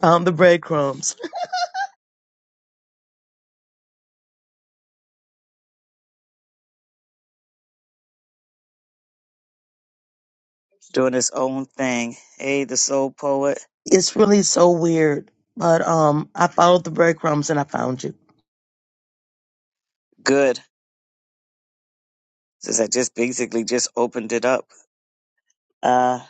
Um, the breadcrumbs. doing his own thing. Hey, the soul poet. It's really so weird, but um, I followed the breadcrumbs and I found you. Good. Since I just basically just opened it up. Uh,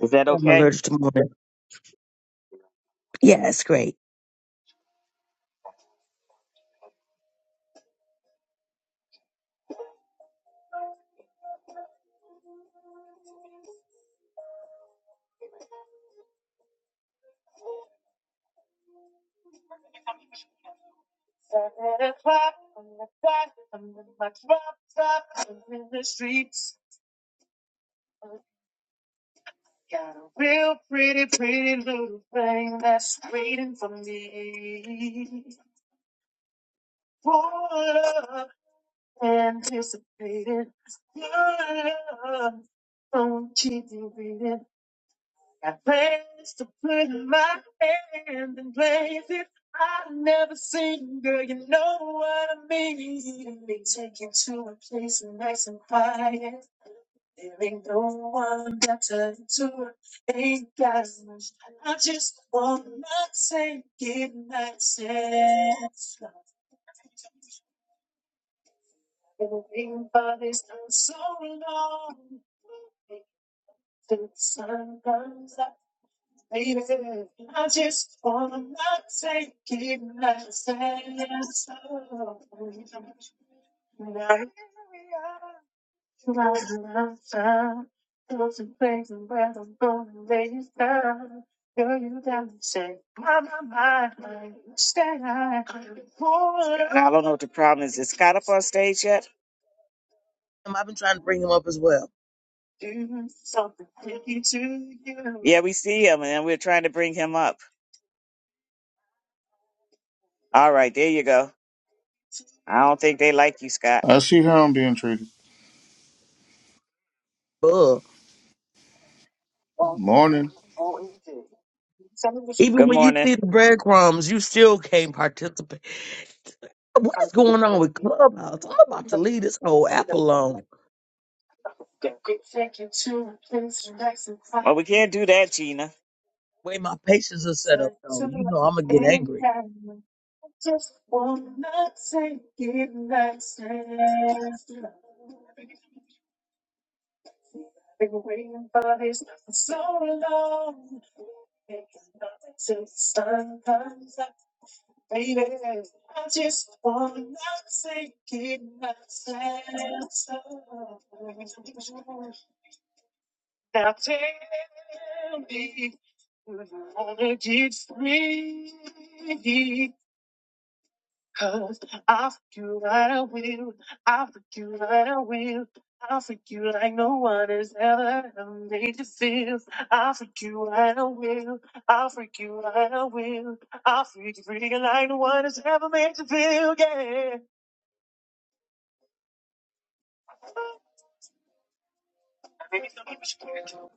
is that I'm okay? allergic to morning. Yeah, it's great. Seven o'clock on the dot, I'm with my drop top, I'm in the streets. Got a real pretty, pretty little thing that's waiting for me. Full of anticipated love. Don't keep me waiting. I plans to put my hand in places I've never seen, girl. You know what I mean. They take you to a place nice and quiet. There ain't no one better to do it. Ain't got much. I just wanna take it myself. Been waiting for this so long. The sun comes up. Baby, I just wanna not take it, not say yes. oh, Now here we are, rising up, those who think where I'm going later. Girl, you got me say, my, my, my, stay high. Now, I don't know what the problem is. Is Scott up on stage yet? Um, I've been trying to bring him up as well. Do something tricky to you. Yeah, we see him, and we're trying to bring him up. All right, there you go. I don't think they like you, Scott. I see how I'm being treated. Ugh. Morning. Even Good when you morning. see the breadcrumbs, you still can't participate. What is going on with Clubhouse? I'm about to leave this whole app alone. Well, we can't do that, Gina. way my patients are set up, though, you know I'm gonna get angry. Baby, I just wanna not say it myself. Now tell me, do you wanna get free? Cause I'll freak you right I will. I'll freak you right I will. I'll freak you like no one has ever made you feel. I'll freak you right I will. I'll freak you right I will. I'll freak you freak you like no one has ever made you feel. Yeah.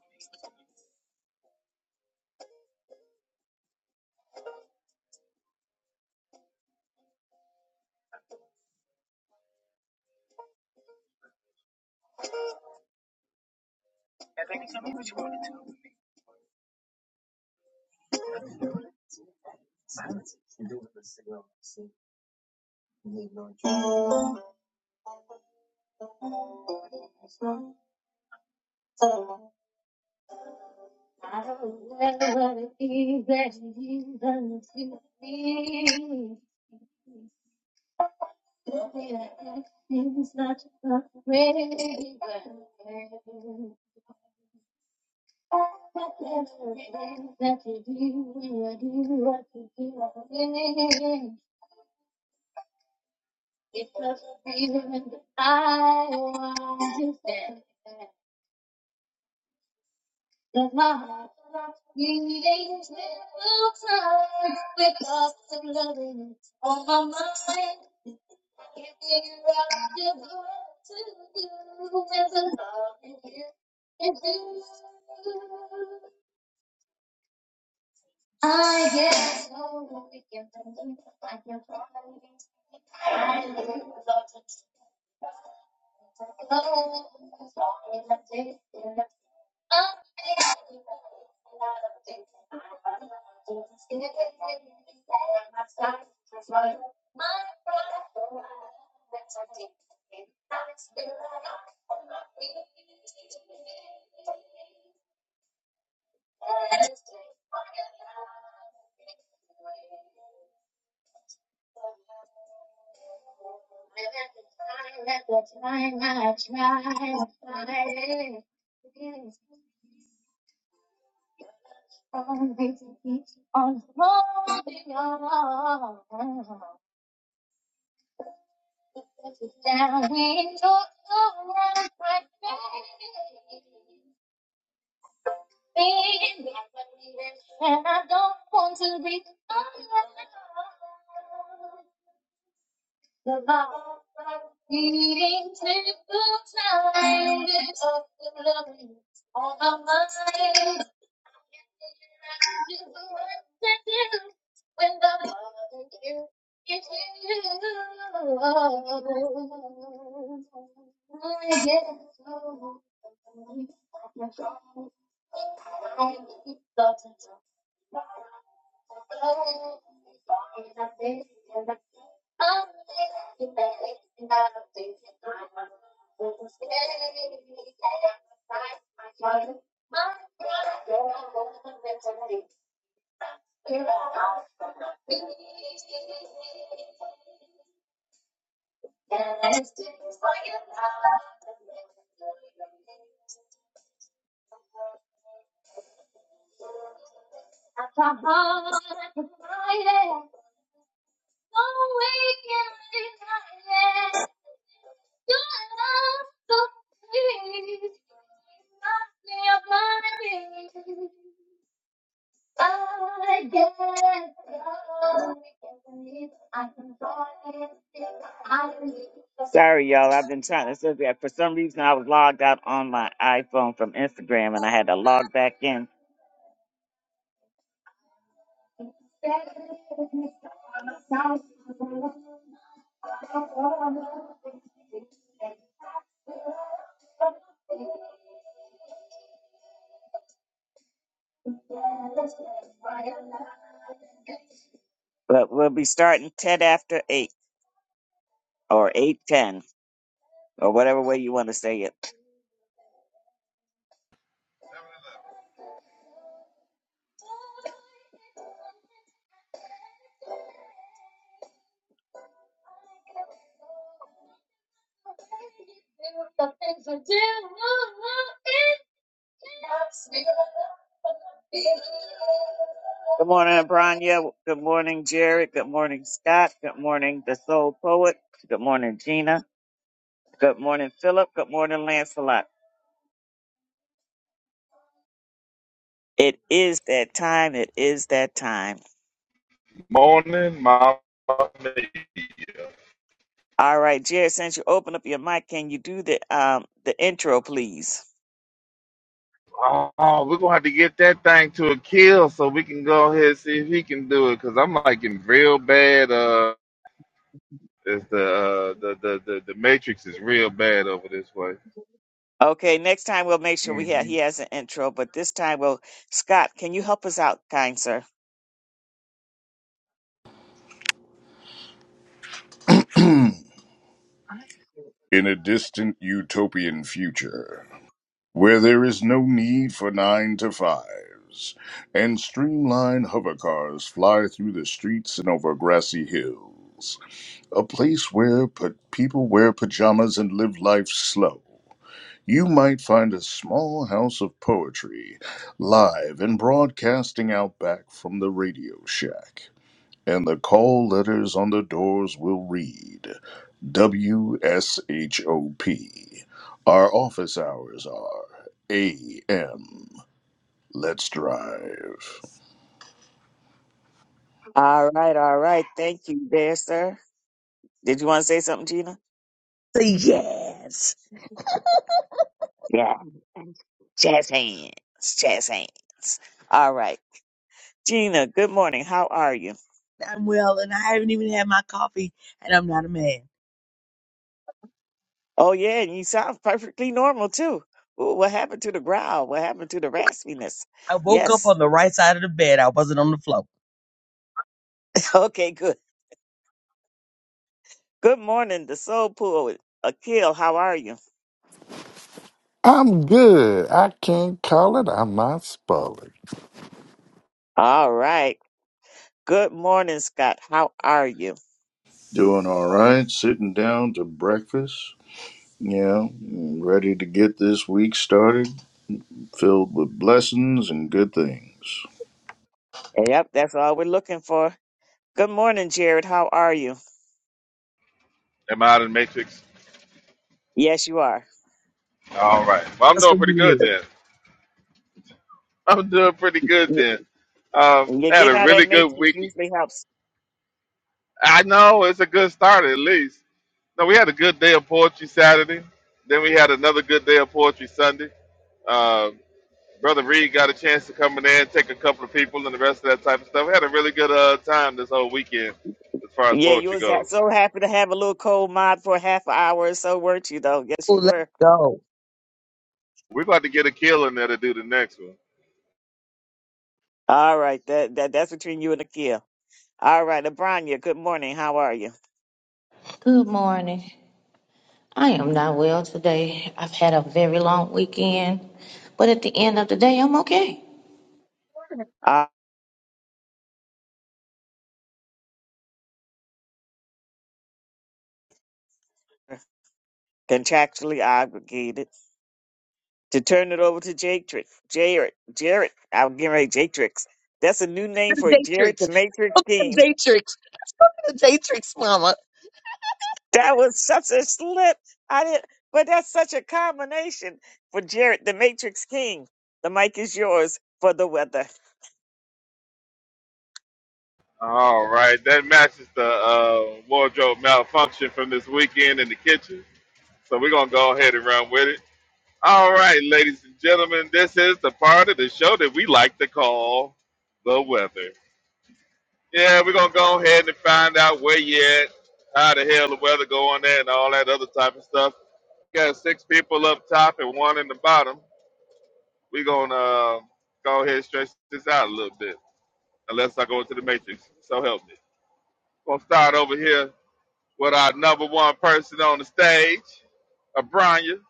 I guess Sorry, y'all. I've been trying to sit that For some reason, I was logged out on my iPhone from Instagram, and I had to log back in. But we'll be starting ten after eight, or eight ten, or whatever way you want to say it. Good morning, Branya. Good morning, Jared. Good morning, Scott. Good morning, the Soul Poet. Good morning, Gina. Good morning, Philip. Good morning, Lancelot. It is that time. It is that time. Morning, Mama. All right, Jared, since you open up your mic, can you do the um the intro, please? Oh, we're gonna have to get that thing to a kill so we can go ahead and see if he can do it. Cause I'm like in real bad. Uh, is the, uh the the the the Matrix is real bad over this way. Okay, next time we'll make sure we have hmm he has an intro, but this time we'll Scott, can you help us out, kind sir? in a distant utopian future where there is no need for nine to fives and streamlined hovercars fly through the streets and over grassy hills, a place where pa- people wear pajamas and live life slow. You might find a small house of poetry live and broadcasting out back from the radio shack, and the call letters on the doors will read. WSHOP. Our office hours are AM. Let's drive. All right, all right. Thank you there, sir. Did you want to say something, Gina? Say yes, Yeah. Jazz hands. Jazz hands. All right. Gina, good morning. How are you? I'm well, and I haven't even had my coffee, and I'm not a man. Oh yeah, and you sound perfectly normal too. Ooh, What happened to the growl? What happened to the raspiness? I woke up Yes. on the right side of the bed. I wasn't on the floor. Okay, good. Good morning, the Soul Pool. Akil, how are you? I'm good. I can't call it. I'm not spoiling. All right. Good morning, Scott. How are you? Doing all right, sitting down to breakfast. Yeah, ready to get this week started, filled with blessings and good things. Yep, that's all we're looking for. Good morning, Jared. How are you? Am I out of the Matrix? Yes, you are. All right. Well, I'm That's doing what we pretty need. good then. I'm doing pretty good You- then. Um, You're I had getting a out of that really good matrix week. usually helps. I know it's a good start at least. No, we had a good day of poetry Saturday. Then we had another good day of poetry Sunday. Uh, Brother Reed got a chance to come in there and take a couple of people and the rest of that type of stuff. We had a really good uh, time this whole weekend as far as Yeah, you poetry was ha- goes. so happy to have a little cold mod for half an hour or so, weren't you? Though, yes, Oh, you let's were. go. We're about to get a kill in there to do the next one. All right, that, that that's between you and Akil. All right, Abranya. Good morning. How are you? Good morning. I am not well today. I've had a very long weekend, but at the end of the day, I'm okay. Uh, contractually obligated. to turn it over to Jatrix. Jared, Jared, I'm getting ready, Jatrix. That's a new To name for The Jared the Datrix. Matrix The King. Datrix. The Datrix, mama. That was such a slip. I didn't, but that's such a combination for Jared the Matrix King. The mic is yours for the weather. All right, that matches the uh, wardrobe malfunction from this weekend in the kitchen. So we're going to go ahead and run with it. All right, ladies and gentlemen, this is the part of the show that we like to call the weather. Yeah, we're gonna go ahead and find out where you at, how the hell the weather going there, and all that other type of stuff. Got six people up top and one in the bottom. We're gonna uh, go ahead and stretch this out a little bit, unless I go into the matrix. So help me. Gonna start over here with our number one person on the stage, Abranya.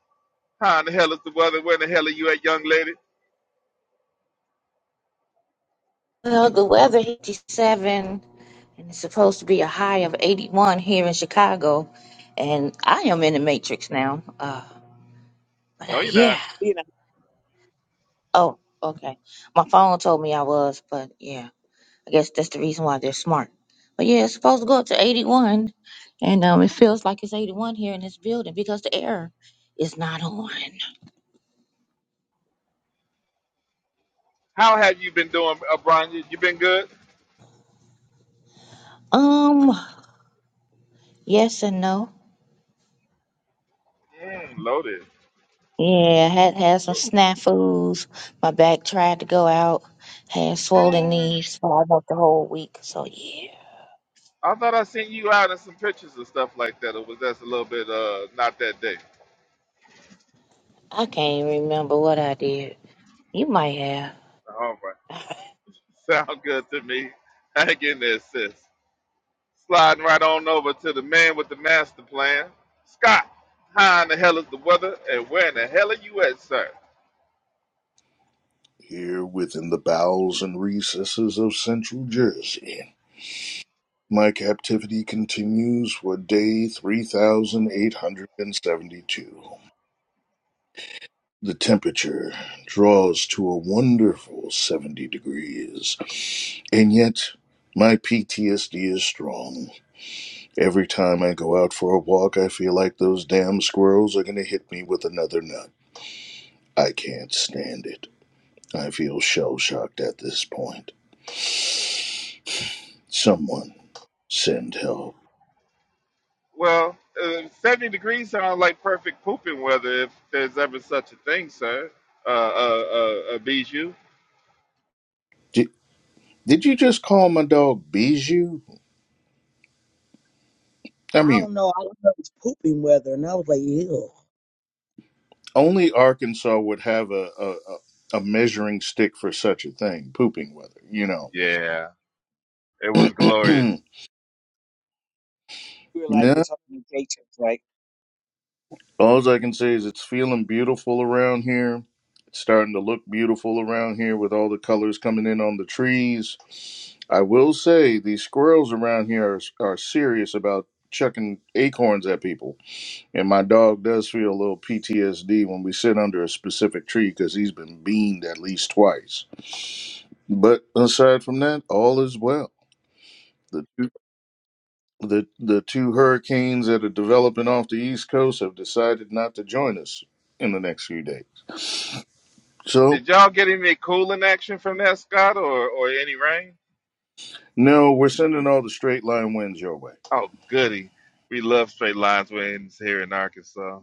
How in the hell is the weather? Where in the hell are you at, young lady? Well, the weather hit 57, and it's supposed to be a high of 81 here in Chicago, and I am in the matrix now. Uh, but uh, No, you're not. yeah. You know, Oh, okay. My phone told me I was, but yeah, I guess that's the reason why they're smart. But yeah, it's supposed to go up to 81, and um, it feels like it's 81 here in this building because the air is not on. How have you been doing, Abranya? You been good? Um. Yes and no. Mm, loaded. Yeah, I had had some snafus. My back tried to go out. Had swollen Mm. knees for up the whole week. So yeah, I thought I sent you out in some pictures and stuff like that, or was that a little bit uh not that day? I can't even remember what I did. You might have. All right. Sound good to me. Hang in there, sis. Sliding right on over to the man with the master plan. Scott, how in the hell is the weather and where in the hell are you at, sir? Here within the bowels and recesses of central Jersey, my captivity continues for day 3872. The temperature draws to a wonderful 70 degrees, and yet my PTSD is strong. Every time I go out for a walk, I feel like those damn squirrels are going to hit me with another nut. I can't stand it. I feel shell shocked at this point. Someone send help. Well, uh, 70 degrees sounds like perfect pooping weather if there's ever such a thing, sir. Uh, uh, uh, uh Bijou. Did, did you just call my dog Bijou? I mean, I don't know. I was it was pooping weather, and I was like, ew. Only Arkansas would have a, a, a a measuring stick for such a thing, pooping weather, you know. Yeah, it was glorious. you were like, you're yeah. talking to Jatrix, right? All I can say is it's feeling beautiful around here. It's starting to look beautiful around here with all the colors coming in on the trees. I will say these squirrels around here are, are serious about chucking acorns at people. And my dog does feel a little PTSD when we sit under a specific tree because he's been beamed at least twice. But aside from that, all is well. The two, the the two hurricanes that are developing off the East Coast have decided not to join us in the next few days. So Did y'all get any cooling action from that, Scott, or, or any rain? no, we're sending all the straight line winds your way. Oh, goody. We love straight lines. We're in here in Arkansas.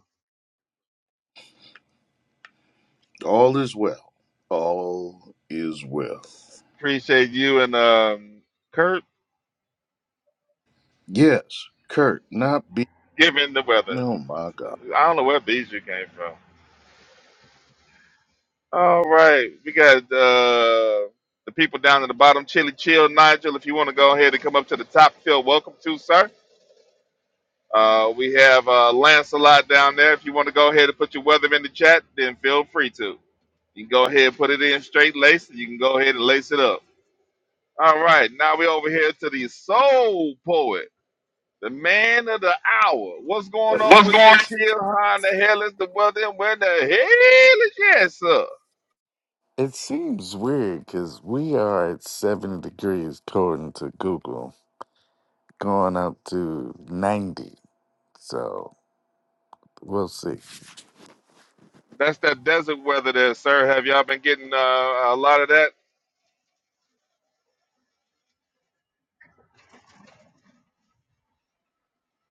All is well. All is well. Appreciate you and um, Kurt Yes, Kurt, not be. giving the weather. Oh my God, I don't know where these you came from. All right. We got uh, the people down at the bottom. Chili Chill, Nigel, if you want to go ahead and come up to the top, feel welcome to, sir. Uh, we have uh, Lancelot down there. If you want to go ahead and put your weather in the chat, then feel free to. You can go ahead and put it in straight lace. and You can go ahead and lace it up. All right, now we're over here to the soul poet. The man of the hour. What's going on What's going with your on? kid? How in the hell is the weather? And where the hell is yes, sir? It seems weird because we are at 70 degrees according to Google, going up to 90. So we'll see. That's that desert weather there, sir. Have y'all been getting uh, a lot of that?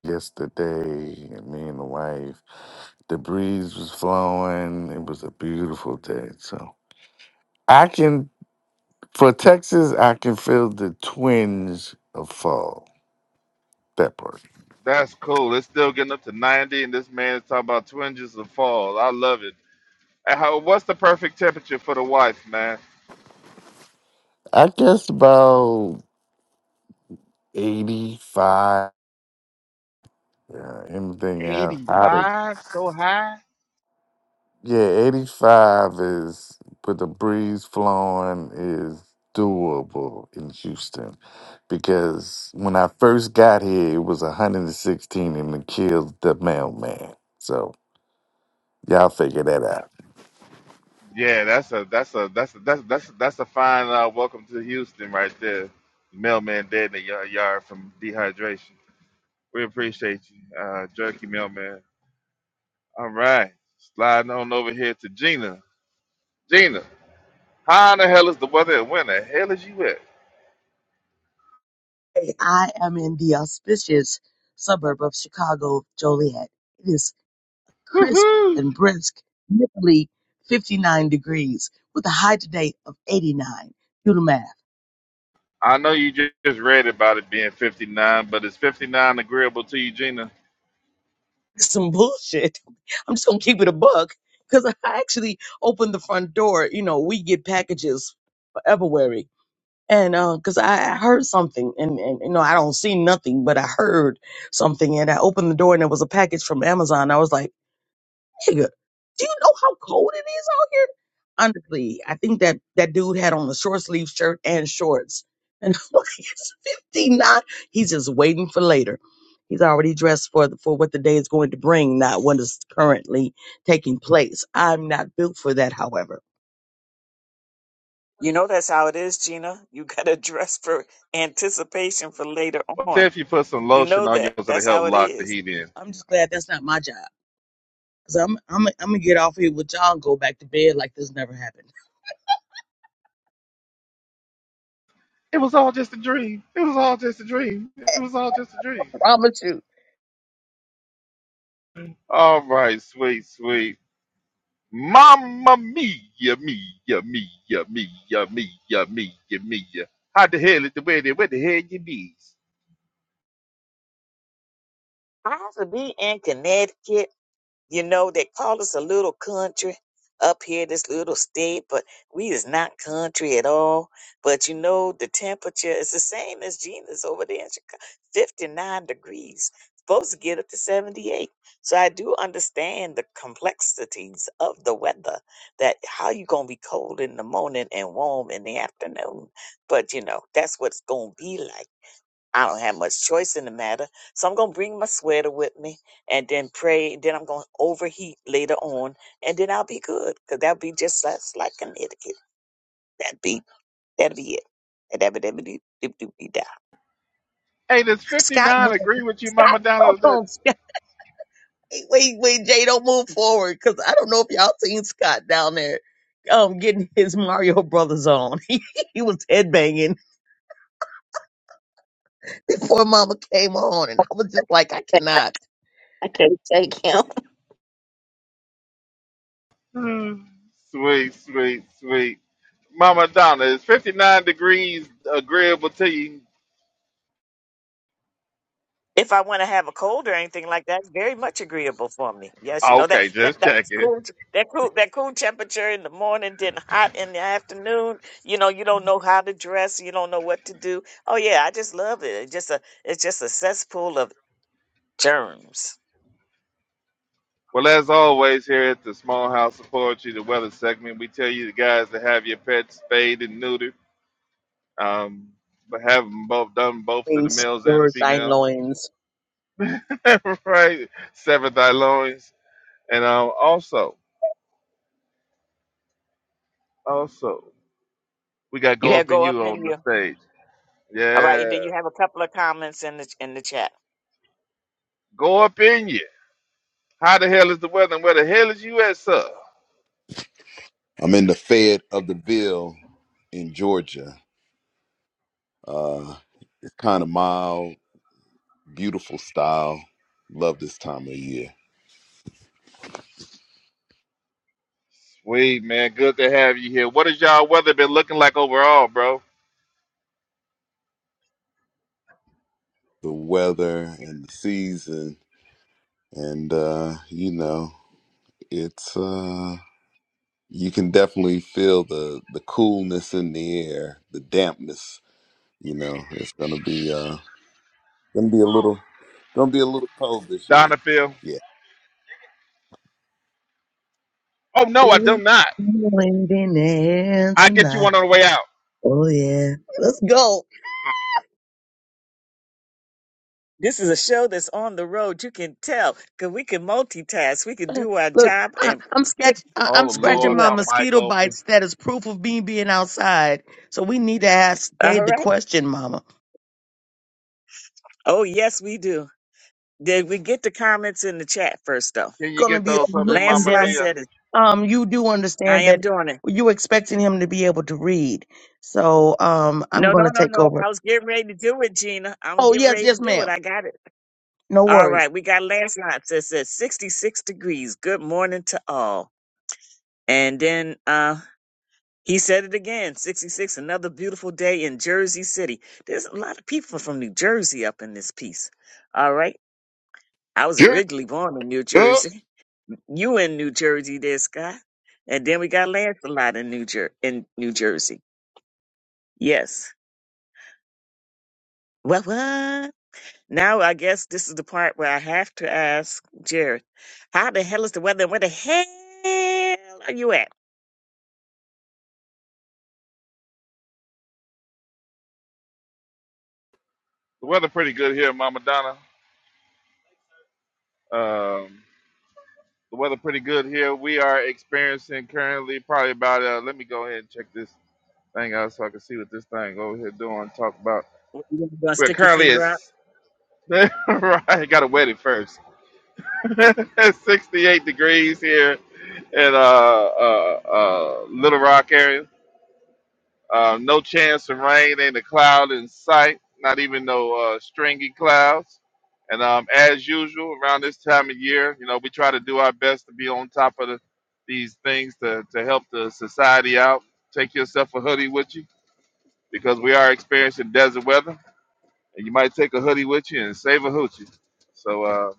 Yesterday, me and the wife, the breeze was flowing. It was a beautiful day. So I can, for Texas, I can feel the twinge of fall. That part. That's cool. It's still getting up to 90, and this man is talking about twinges of fall. I love it. And how, what's the perfect temperature for the wife, man? I guess about 85. Yeah, anything else? Hotter. 85, so high. Yeah, 85 is, with the breeze flowing, is doable in Houston. Because when I first got here, it was 116 and it killed the mailman. So y'all figure that out. Yeah, that's a that's a that's a, that's that's that's a fine uh, welcome to Houston right there. Mailman dead in the ya- yard from dehydration. We appreciate you, uh, Jerky Mailman. All right, sliding on over here to Gina. Gina, how in the hell is the weather? and Where in the hell is you at? Hey, I am in the auspicious suburb of Chicago, Joliet. It is crisp Woohoo! and brisk, literally 59 degrees, with a high today of 89. Do the math. I know you ju- just read about it being 59, but is 59 agreeable to you, Gina? Some bullshit. I'm just gonna keep it a buck because I actually opened the front door. You know, we get packages for everywhere. and uh, cause I, I heard something and, and you know i don't see nothing but i heard something and i opened the door and there was a package from amazon i was like nigga do you know how cold it is out here honestly i think that that dude had on a short sleeve shirt and shorts and I'm like, it's 59 he's just waiting for later he's already dressed for the, for what the day is going to bring not what is currently taking place i'm not built for that however You know that's how it is, Gina. You got to dress for anticipation for later What on. if you put some You lotion know on that. yours that'll That's help how it lock the is. heat in? i'm just glad that's not my job Cause I'm I'm I'm gonna get off here with y'all and go back to bed like this never happened. It was all just a dream. It was all just a dream. It was all just a dream. I promise you. All right, sweet, sweet. Mamma mia, mia, mia, mia, mia, mia, mia. How the hell is the way there? Where the hell you be? I have to be in Connecticut You know, they call us a little country up here, this little state, but we is not country at all. But you know, the temperature is the same as Gina's over there in Chicago, 59 degrees. Supposed to get up to 78. So I do understand the complexities of the weather that how you going to be cold in the morning and warm in the afternoon. But you know, that's what it's going to be like. I don't have much choice in the matter. So I'm going to bring my sweater with me and then pray. Then I'm going to overheat later on and then I'll be good because that'll be just that's like an etiquette. That'd be, that'd be it. And that'd be, that'd be, that'd be, that'd be that. Hey, does Scott 59 went agree with you, Scott Mama hold Donna? That on, Scott. Wait, wait, Jay, don't move forward. Cause I don't know if y'all seen Scott down there um getting his Mario Brothers on. He he was headbanging before mama came on and I was just like, I cannot. I couldn't take him. Hmm, sweet, sweet, sweet. Mama Donna, is 59 degrees agreeable to you? if I want to have a cold or anything like that, it's very much agreeable for me. Yes, you Oh, know that Okay, that just that's checking. cool. That cool that cool temperature in the morning, then hot in the afternoon. You know, you don't know how to dress, you don't know what to do. Oh yeah, I just love it. It's just a it's just a cesspool of germs. Well, as always, here at the Small House of Poetry, the weather segment, we tell you the guys to have your pets spayed and neutered. Um, but have them both done both to the Loins, males and the Gird thy females. loins. right? Sever thy loins. And um, also, also, we got You Go have Up In go up You in on the you. stage. All right, and Yeah. then you have a couple of comments in the in the chat. Go Up In You. How the hell is the weather and where the hell is you at, sir? I'm in the Fed of the Ville in Georgia. Uh, it's kind of mild, beautiful style. Love this time of year. Sweet, man. Good to have you here. What has y'all weather been looking like overall, bro? The weather and the season, and uh, you know, it's uh, you can definitely feel the the coolness in the air, the dampness. You know, it's gonna be uh, gonna be a little gonna be a little cold this year. Donafield? Yeah. Oh, no, I Feel do it not. blowing in the air I get you tonight. one on the way out. Oh yeah. Let's go. This is a show that's on the road. You can tell because we can multitask. We can do our Look, job I, and I'm still scratch, I, I'm Oh, do the scratching Lord, my my weather. mic mosquito open. bites. That is proof of me being outside. So we need to ask All Jade the right. question, Mama. Oh yes, we do. Did we get the comments in the chat first, though? Can you Gonna get be those for me, overlooking Mama Lancelot them. Mia? said it. Um, you do I understand am that doing it. you expecting him to be able to read. So um, I'm No, no, gonna no, take no. I over. was getting ready to do it, Gina. I'm Oh getting yes, ready to yes, do it. ma'am. I got it. No All worries. right. We got Lancelot that says 66 degrees. Good morning to all. And then uh he said it again 66, another beautiful day in Jersey City. There's a lot of people from New Jersey up in this piece. All right. I was Jerk originally born in New up. Jersey. You in New Jersey there, Scott. And then we got Lancelot in New Jer- in New Jersey. Yes. Well what? Now I guess this is the part where I have to ask Jared, how the hell is the weather? Where the hell are you at? The weather pretty good here, Mama Donna. Um. The weather pretty good here. We are experiencing currently probably about. Uh, let me go ahead and check this thing out so I can see what this thing over here doing. Talk about. You gonna We're stick your currently finger at. out? s- right, gotta wet it first. 68 degrees here in uh, uh, uh, Little Rock area. Uh, no chance of rain, ain't a cloud in sight, not even no uh, stringy clouds. And um, as usual, around this time of year, you know, we try to do our best to be on top of the, these things to, to help the society out. Take yourself a hoodie with you because we are experiencing desert weather, and you might take a hoodie with you and save a hoochie. So uh,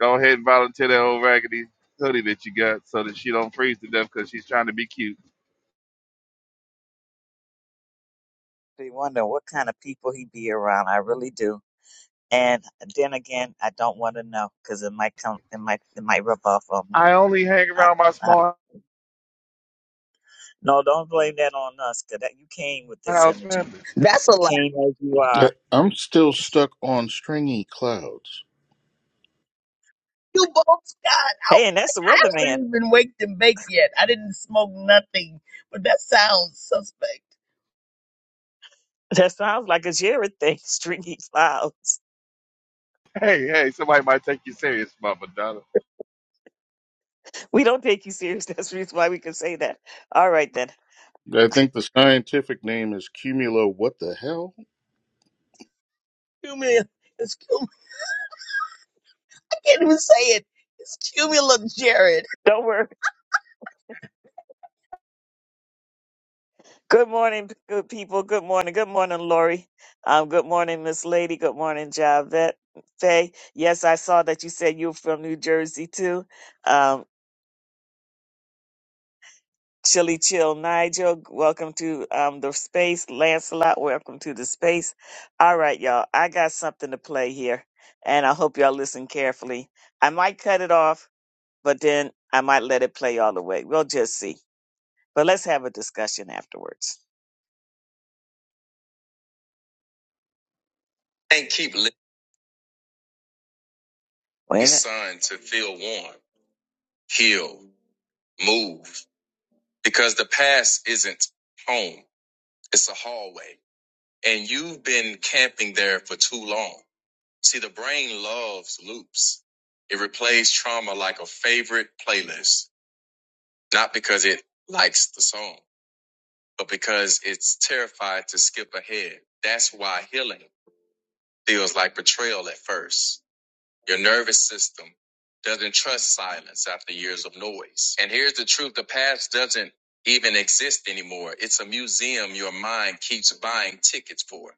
go ahead and volunteer that old raggedy hoodie that you got so that she don't freeze to death because she's trying to be cute. Be wondering what kind of people he be around. I really do. And then again, I don't want to know because it might come, it might, it might rub off on me. I only hang I, around my I, small no, don't blame that on us because you came with this house energy. family. That's a You lie. came as you are. Uh, I'm still stuck on stringy clouds. You both got. I, Hey, and that's the I weatherman. haven't even waked and baked yet. I didn't smoke nothing, but that sounds suspect. That sounds like a Jared thing, stringy clouds. Hey, hey, somebody might take you serious, Mama Donna. We don't take you serious. That's the reason why we can say that. All right, then. I think the scientific name is cumulo. What the hell? Excuse me. can't even say it. It's cumulative, Jared. Don't worry. Good morning, good people. Good morning. Good morning, Lori. Um, good morning, Miss Lady. Good morning, Javette. Faye. Yes, I saw that you said you were from New Jersey, too. Um, Chilly Chill Nigel, welcome to um, the space. Lancelot, welcome to the space. All right, y'all, I got something to play here, and I hope y'all listen carefully. I might cut it off, but then I might let it play all the way. We'll just see. But let's have a discussion afterwards. And keep letting Wait a the minute. sun to feel warm, heal, move, because the past isn't home; it's a hallway, and you've been camping there for too long. See, the brain loves loops. It replays trauma like a favorite playlist, not because it likes the song, but because it's terrified to skip ahead. That's why healing feels like betrayal at first. Your nervous system doesn't trust silence after years of noise. And here's the truth the past doesn't even exist anymore. It's a museum your mind keeps buying tickets for.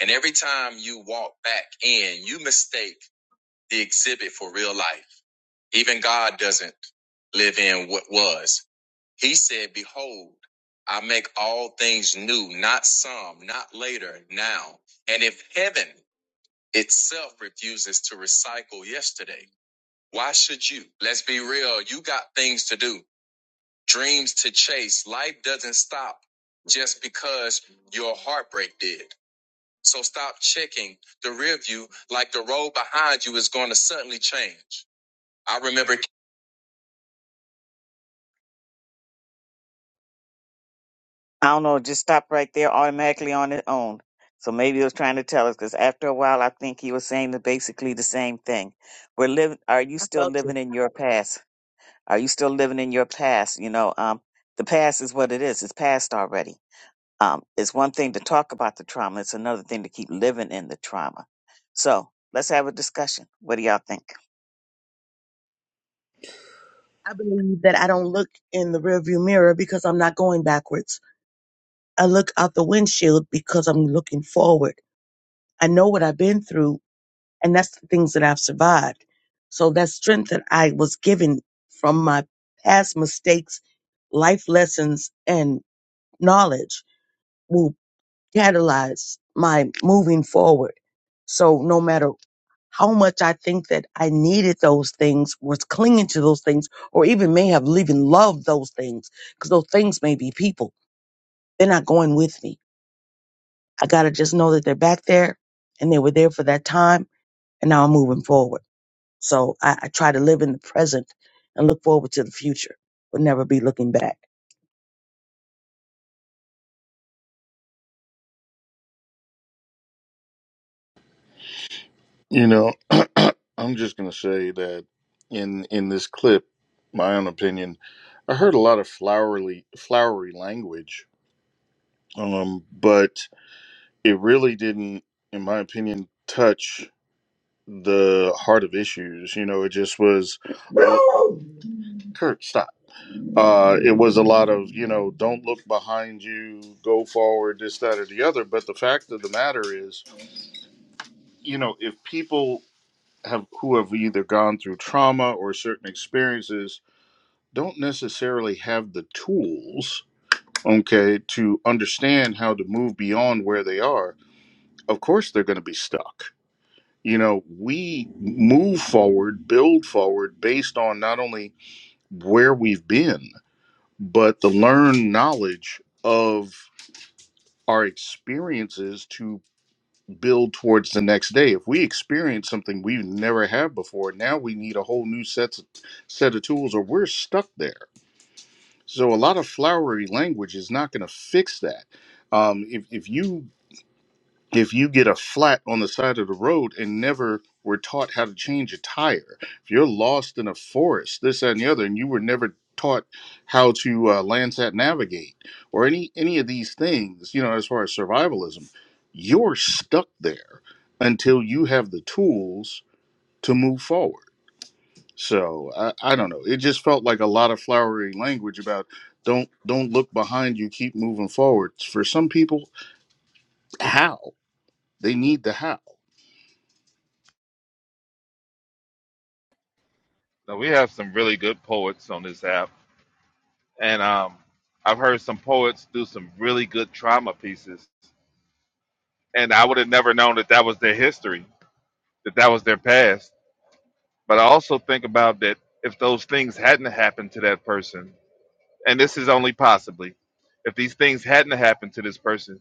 And every time you walk back in, you mistake the exhibit for real life. Even God doesn't live in what was. He said, Behold, I make all things new, not some, not later, now. And if heaven itself refuses to recycle yesterday, why should you? Let's be real. You got things to do, dreams to chase. Life doesn't stop just because your heartbreak did. So stop checking the rear view like the road behind you is going to suddenly change. I remember I don't know, it just stopped right there automatically on its own. So maybe it was trying to tell us because after a while, I think he was saying the, basically the same thing. We're living. Are you I still felt living you. in your past? Are you still living in your past? You know, um, the past is what it is. It's past already. Um, it's one thing to talk about the trauma. It's another thing to keep living in the trauma. So let's have a discussion. What do y'all think? I believe that I don't look in the rearview mirror because I'm not going backwards. I look out the windshield because I'm looking forward. I know what I've been through, and that's the things that I've survived. So that strength that I was given from my past mistakes, life lessons, and knowledge will catalyze my moving forward. So no matter how much I think that I needed those things, was clinging to those things, or even may have even loved those things, because those things may be people. They're not going with me. I got to just know that they're back there and they were there for that time, and now I'm moving forward. So I, I try to live in the present and look forward to the future, but never be looking back. You know. I'm just going to say that in in this clip, my own opinion, I heard a lot of flowery flowery language, um, but it really didn't, in my opinion, touch the heart of issues. You know, it just was. uh, Kurt, stop. Uh, it was a lot of you know, don't look behind you, go forward, this, that, or the other. But the fact of the matter is, you know, if people have who have either gone through trauma or certain experiences don't necessarily have the tools, okay, to understand how to move beyond where they are, of course they're going to be stuck. You know, we move forward, build forward based on not only where we've been, but the learned knowledge of our experiences to build towards the next day. If we experience something we've never had before, now we need a whole new set set of tools or we're stuck there So a lot of flowery language is not going to fix that. Um, if if you if you get a flat on the side of the road and never were taught how to change a tire, if you're lost in a forest, this that, and the other, and you were never taught how to uh, Landsat navigate or any any of these things, you know, as far as survivalism, you're stuck there until you have the tools to move forward. So I, I don't know. It just felt like a lot of flowery language about don't don't look behind you, keep moving forward. For some people, how they need the how. Now we have some really good poets on this app, and um, I've heard some poets do some really good trauma pieces, and I would have never known that that was their history, that that was their past. But I also think about that if those things hadn't happened to that person, And this is only possibly if these things hadn't happened to this person,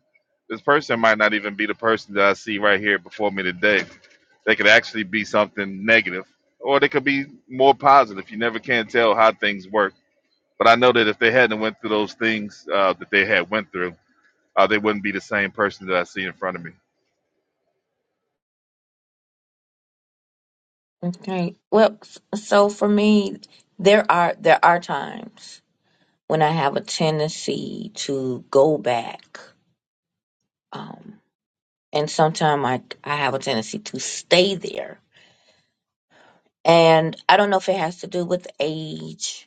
this person might not even be the person that I see right here before me today. They could actually be something negative, or they could be more positive. You never can tell how things work. But I know that if they hadn't went through those things uh, that they had went through, uh, they wouldn't be the same person that I see in front of me. Okay. Well, s- so for me, there are there are times when I have a tendency to go back, um, and sometimes I I have a tendency to stay there, and I don't know if it has to do with age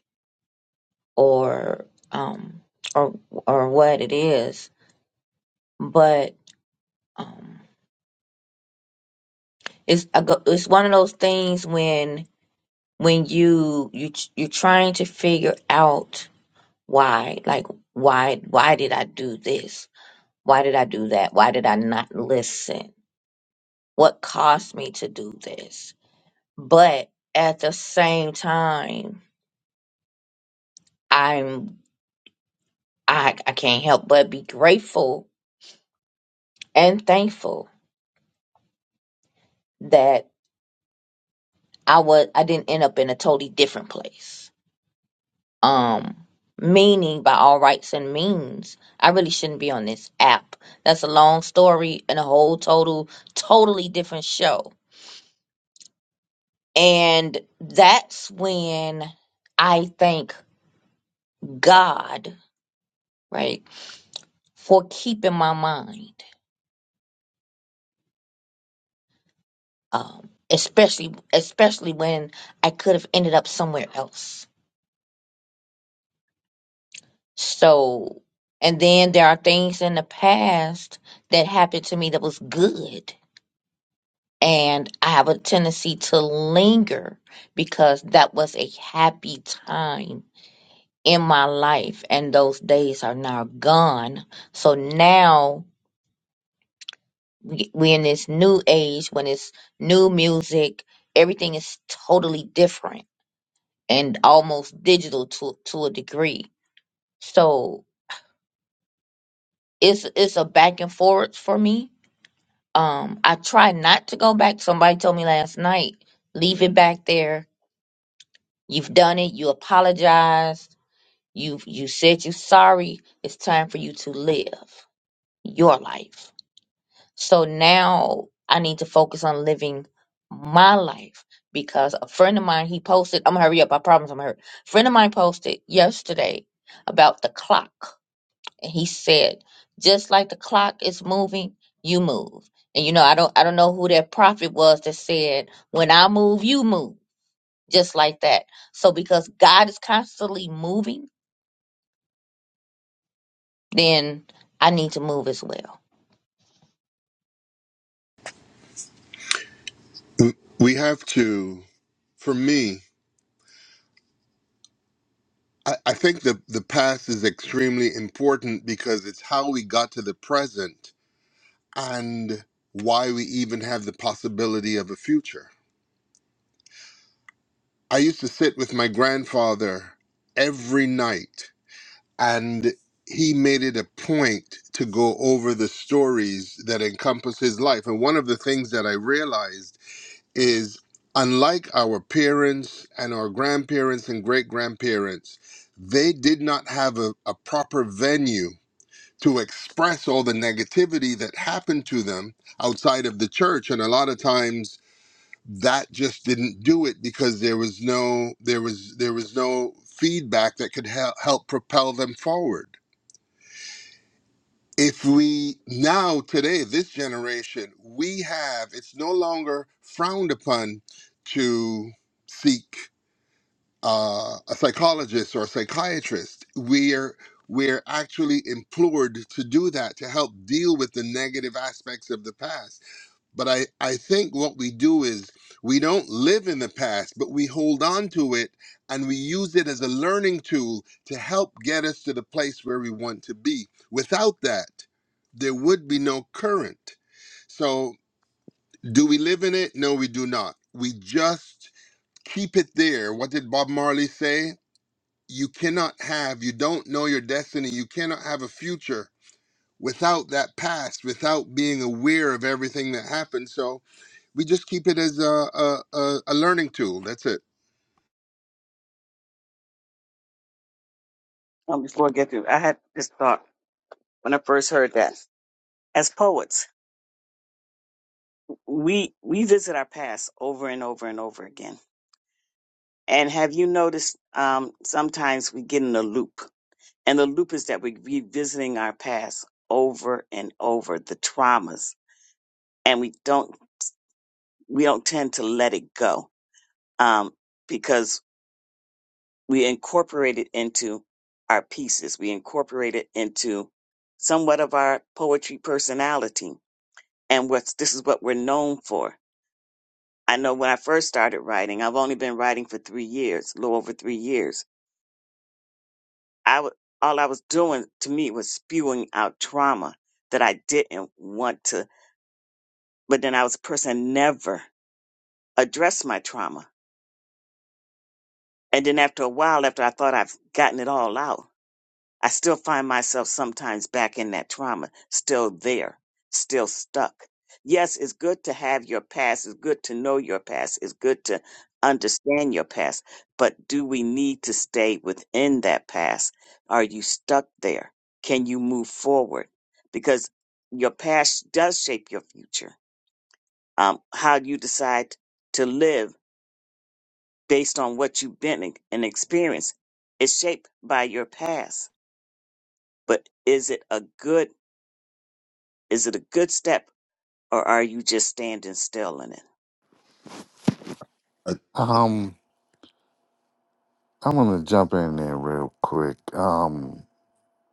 or um or or what it is but um it's I go, it's one of those things when when you you you're trying to figure out why like why why did I do this why did I do that why did I not listen what caused me to do this but at the same time I'm I I can't help but be grateful and thankful that. I was I didn't end up in a totally different place. Um meaning by all rights and means, I really shouldn't be on this app. That's a long story and a whole total totally different show. And that's when I thank God, right, for keeping my mind. Um especially especially when I could have ended up somewhere else So, and then there are things in the past that happened to me that was good. And I have a tendency to linger because that was a happy time in my life. And those days are now gone. So now we- we're in this new age when it's new music, everything is totally different and almost digital to, to a degree. So it's, it's a back and forth for me Um, I try not to go back. Somebody told me last night, leave it back there. You've done it. You apologized. You you said you're sorry. It's time for you to live your life. So now I need to focus on living my life because a friend of mine he posted. I'm gonna hurry up. I promise I'm gonna hurry. Friend of mine posted yesterday about the clock and he said just like the clock is moving you move and you know i don't i don't know who that prophet was that said when i move you move just like that so because god is constantly moving then i need to move as well we have to for me I, I think the the past is extremely important because it's how we got to the present and why we even have the possibility of a future i used to sit with my grandfather every night and he made it a point to go over the stories that encompass his life and one of the things that i realized is unlike our parents and our grandparents and great grandparents, they did not have a, a proper venue to express all the negativity that happened to them outside of the church. And a lot of times that just didn't do it because there was no there was there was no feedback that could hel- help propel them forward if we now today this generation we have it's no longer frowned upon to seek uh, a psychologist or a psychiatrist we're we're actually implored to do that to help deal with the negative aspects of the past but I, I think what we do is we don't live in the past, but we hold on to it and we use it as a learning tool to help get us to the place where we want to be. Without that, there would be no current. So, do we live in it? No, we do not. We just keep it there. What did Bob Marley say? You cannot have, you don't know your destiny, you cannot have a future without that past, without being aware of everything that happened. So, we just keep it as a, a, a, a learning tool. That's it. Um, before I get through, I had this thought when I first heard that. As poets, we we visit our past over and over and over again And have you noticed um, sometimes we get in a loop? And the loop is that we're revisiting our past over and over, the traumas, and we don't we don't tend to let it go um, because we incorporate it into our pieces. We incorporate it into somewhat of our poetry personality, and what's this is what we're known for. I know when I first started writing, I've only been writing for three years, a little over three years I w- all I was doing to me was spewing out trauma that I didn't want to. But then I was a person that never addressed my trauma. And then after a while, after I thought I've gotten it all out, I still find myself sometimes back in that trauma, still there, still stuck. Yes, it's good to have your past. It's good to know your past. It's good to understand your past. But do we need to stay within that past? Are you stuck there? Can you move forward? Because your past does shape your future. Um, how you decide to live based on what you've been and and experienced is shaped by your past. But is it a good Is it a good step or are you just standing still in it? Uh, Um, I'm gonna jump in there real quick. Um,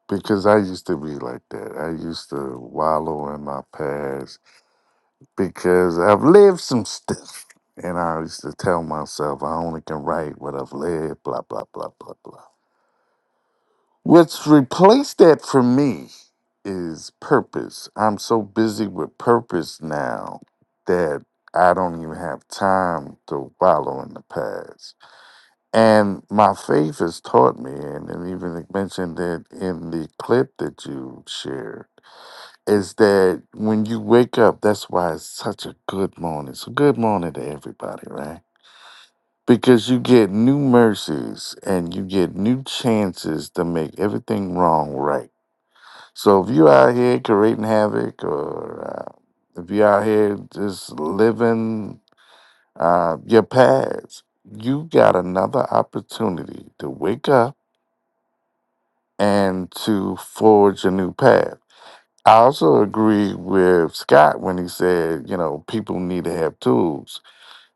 because I used to be like that. I used to wallow in my past because I've lived some stuff. And I used to tell myself I only can write what I've lived, blah, blah, blah, blah, blah. What's replaced that for me is purpose. I'm so busy with purpose now that I don't even have time to wallow in the past. And my faith has taught me, and, and even it mentioned it in the clip that you shared is that when you wake up, that's why it's such a good morning. So, good morning to everybody, right? Because you get new mercies and you get new chances to make everything wrong right. So, if you're out here creating havoc or uh, if you're out here just living uh, your past, you got another opportunity to wake up and to forge a new path. I also agree with Scott when he said, you know, people need to have tools.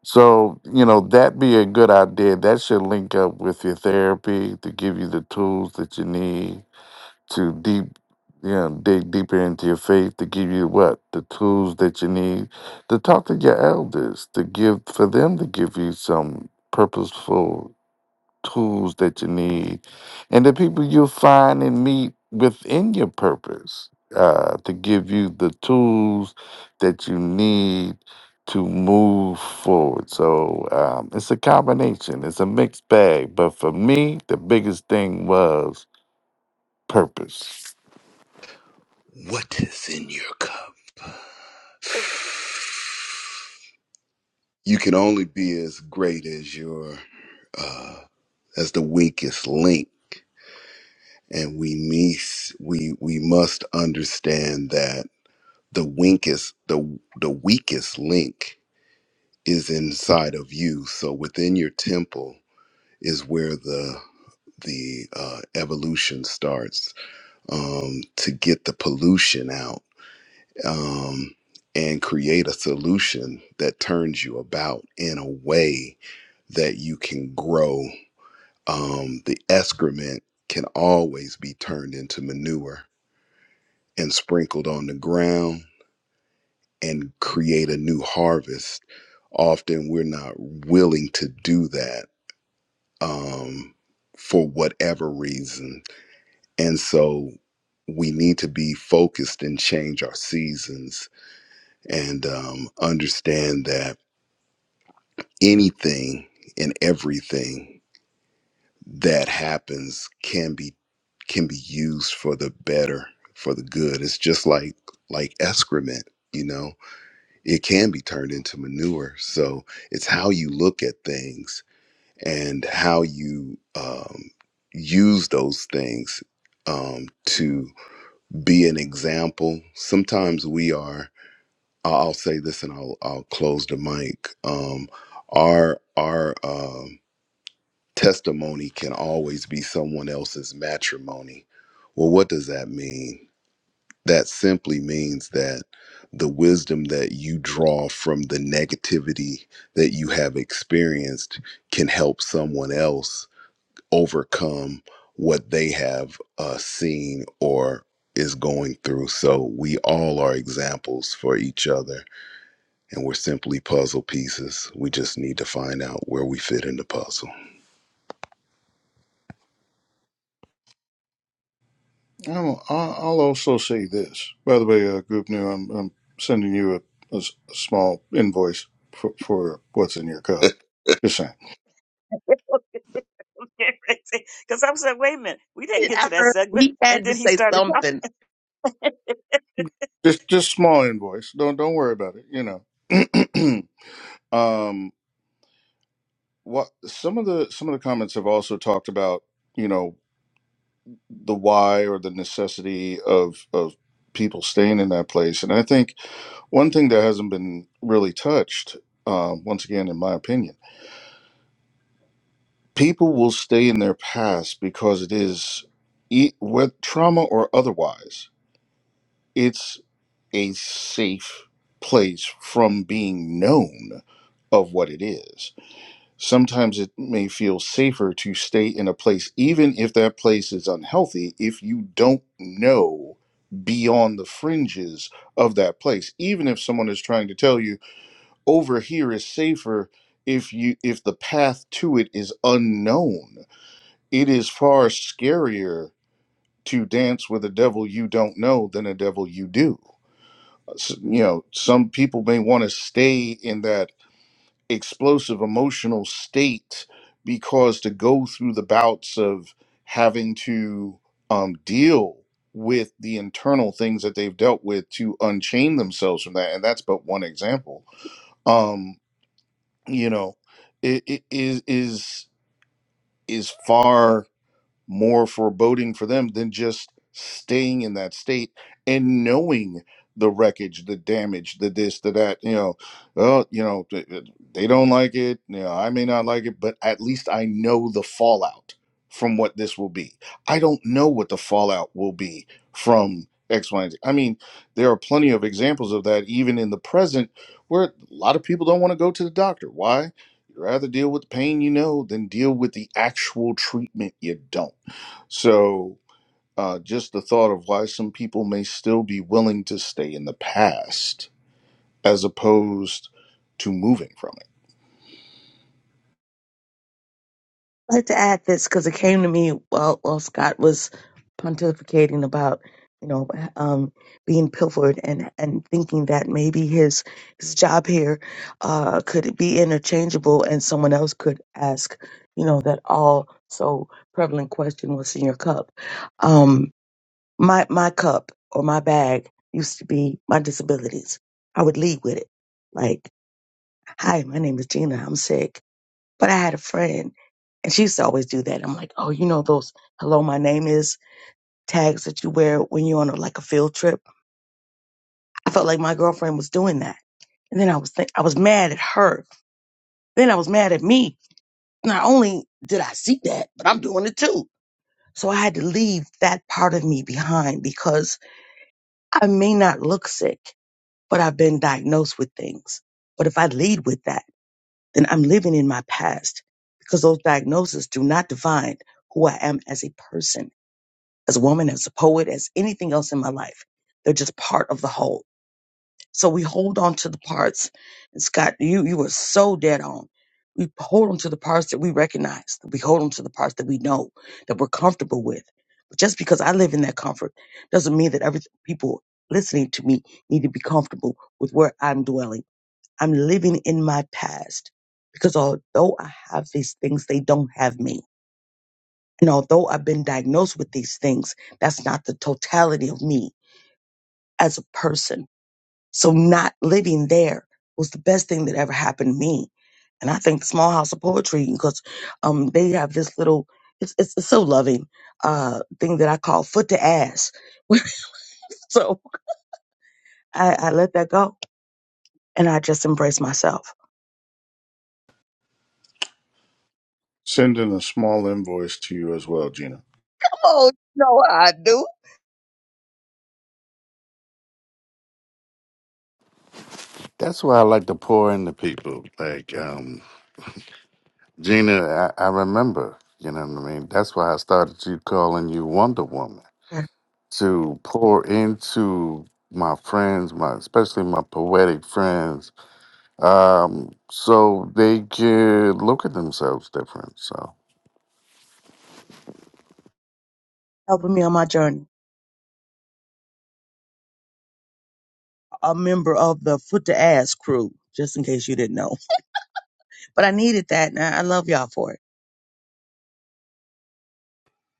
So, you know, that be a good idea. That should link up with your therapy to give you the tools that you need to deep, you know, dig deeper into your faith to give you what the tools that you need to talk to your elders to give for them to give you some purposeful tools that you need and the people you'll find and meet within your purpose uh, to give you the tools that you need to move forward. So um, it's a combination, it's a mixed bag. But for me, the biggest thing was purpose. what is in your cup? you can only be as great as your uh, as the weakest link, and we miss we we must understand that the weakest the the weakest link is inside of you. So within your temple is where the the uh, evolution starts um, to get the pollution out um, and create a solution that turns you about in a way that you can grow um, the excrement can always be turned into manure and sprinkled on the ground and create a new harvest. Often we're not willing to do that um, for whatever reason. And so we need to be focused and change our seasons and um, understand that anything and everything that happens can be can be used for the better for the good it's just like like excrement you know it can be turned into manure so it's how you look at things and how you um, use those things um, to be an example sometimes we are i'll I'll say this and i'll, I'll close the mic um, our our um, testimony can always be someone else's matrimony. Well, what does that mean? That simply means that the wisdom that you draw from the negativity that you have experienced can help someone else overcome what they have uh, seen or is going through. So we all are examples for each other, and we're simply puzzle pieces. We just need to find out where we fit in the puzzle. I'll, I'll I'll also say this. By the way, uh, Group New, I'm, I'm sending you a, a s- a small invoice for, for what's in your cup. Just saying, Because I was like, wait a minute, we didn't it. get I to that heard segment. he And had to then he say started talking. something. just just small invoice. Don't don't worry about it. You know, um, what some of the some of the comments have also talked about. You know. the why or the necessity of of people staying in that place. And I think one thing that hasn't been really touched, um, once again, in my opinion, people will stay in their past because it is, e- with trauma or otherwise, it's a safe place from being known of what it is. Sometimes it may feel safer to stay in a place, even if that place is unhealthy, if you don't know beyond the fringes of that place. Even if someone is trying to tell you over here is safer if you if the path to it is unknown. It is far scarier to dance with a devil you don't know than a devil you do. S- You know, some people may want to stay in that explosive emotional state because to go through the bouts of having to um, deal with the internal things that they've dealt with to unchain themselves from that and that's but one example um you know it, it is is is far more foreboding for them than just staying in that state and knowing the wreckage, the damage, the this, the that. You know, oh, you know, th- th- they don't like it. You know, I may not like it, but at least I know the fallout from what this will be. I don't know what the fallout will be from X, Y, and Z. I mean, there are plenty of examples of that, even in the present, where a lot of people don't want to go to the doctor. Why? You'd rather deal with the pain you know than deal with the actual treatment you don't so, uh, just the thought of why some people may still be willing to stay in the past as opposed to moving from it. I had to add this because it came to me while, while Scott was pontificating about, you know, um, being pilfered and, and thinking that maybe his his job here uh, could be interchangeable and someone else could ask, you know, that all so prevalent question what's in your cup. Um, my my cup or my bag used to be my disabilities. I would lead with it, like, "Hi, my name is Gina. I'm sick But I had a friend and she used to always do that. I'm like, oh, you know those "Hello, my name is" tags that you wear when you're on a, like a field trip. I felt like my girlfriend was doing that, and then I was think I was mad at her. Then I was mad at me. Not only did I see that, but I'm doing it too. So I had to leave that part of me behind because I may not look sick, but I've been diagnosed with things. But if I lead with that, then I'm living in my past because those diagnoses do not define who I am as a person as a woman, as a poet, as anything else in my life. They're just part of the whole. So we hold on to the parts. And Scott, you you were so dead on. We hold on to the parts that we recognize. We hold on to the parts that we know that we're comfortable with. But just because I live in that comfort doesn't mean that every people listening to me need to be comfortable with where I'm dwelling. I'm living in my past because although I have these things, they don't have me. And although I've been diagnosed with these things, that's not the totality of me as a person. So not living there was the best thing that ever happened to me. And I think the Small House of Poetry, because um, they have this little, it's, it's, it's so loving uh, thing that I call foot to ass. so I, I let that go and I just embrace myself. Send in a small invoice to you as well, Gina. Oh, you know I do. That's why I like to pour into people. Like um, Gina, I, I remember, you know what I mean? That's why I started you calling you Wonder Woman to pour into my friends, my especially my poetic friends, um, so they can look at themselves different. So Helping me on my journey. A member of the foot to ass crew, just in case you didn't know. but I needed that, and I I love y'all for it.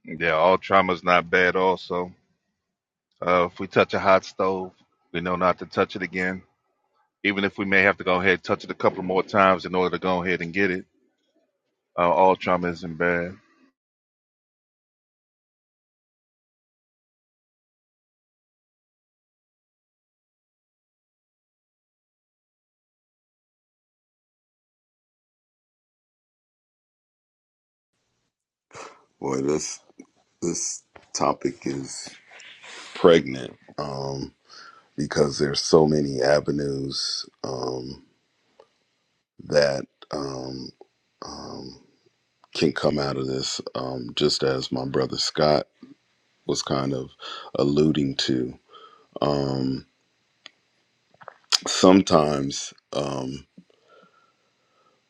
Yeah, all trauma's not bad. Also, uh, if we touch a hot stove, we know not to touch it again. Even if we may have to go ahead and touch it a couple more times in order to go ahead and get it Uh, all trauma isn't bad. Boy, this this topic is pregnant um, because there's so many avenues um, that um, um, can come out of this. Um, just as my brother Scott was kind of alluding to, um, sometimes um,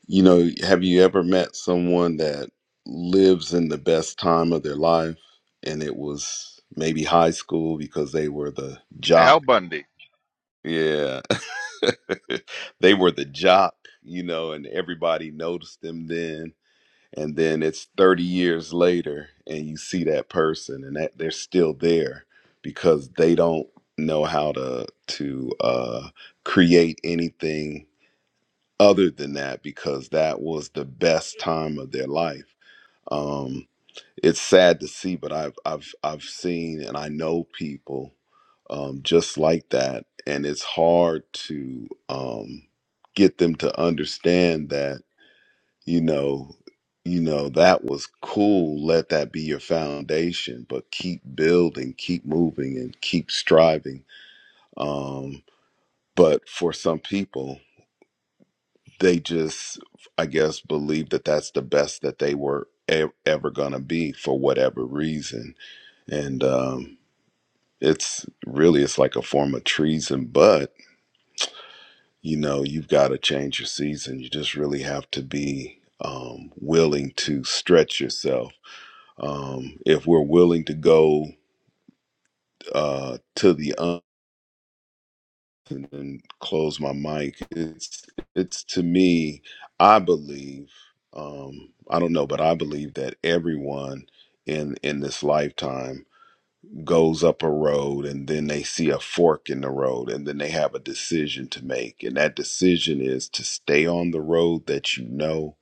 you know, have you ever met someone that lives in the best time of their life, and it was maybe high school because they were the jock? Al Bundy. Yeah, they were the jock, you know, and everybody noticed them then. And then it's 30 years later, and you see that person, and that they're still there because they don't know how to to uh, create anything other than that because that was the best time of their life. Um, it's sad to see, but I've I've I've seen and I know people um, just like that, and it's hard to um, get them to understand that you know you know that was cool. Let that be your foundation, but keep building, keep moving, and keep striving. Um, but for some people, they just I guess believe that that's the best that they were e- ever gonna be for whatever reason and um, it's really it's like a form of treason but you know you've got to change your season you just really have to be um, willing to stretch yourself um, if we're willing to go uh, to the un- and then close my mic it's it's to me i believe um, i don't know but i believe that everyone in in this lifetime goes up a road and then they see a fork in the road and then they have a decision to make. And that decision is to stay on the road that you know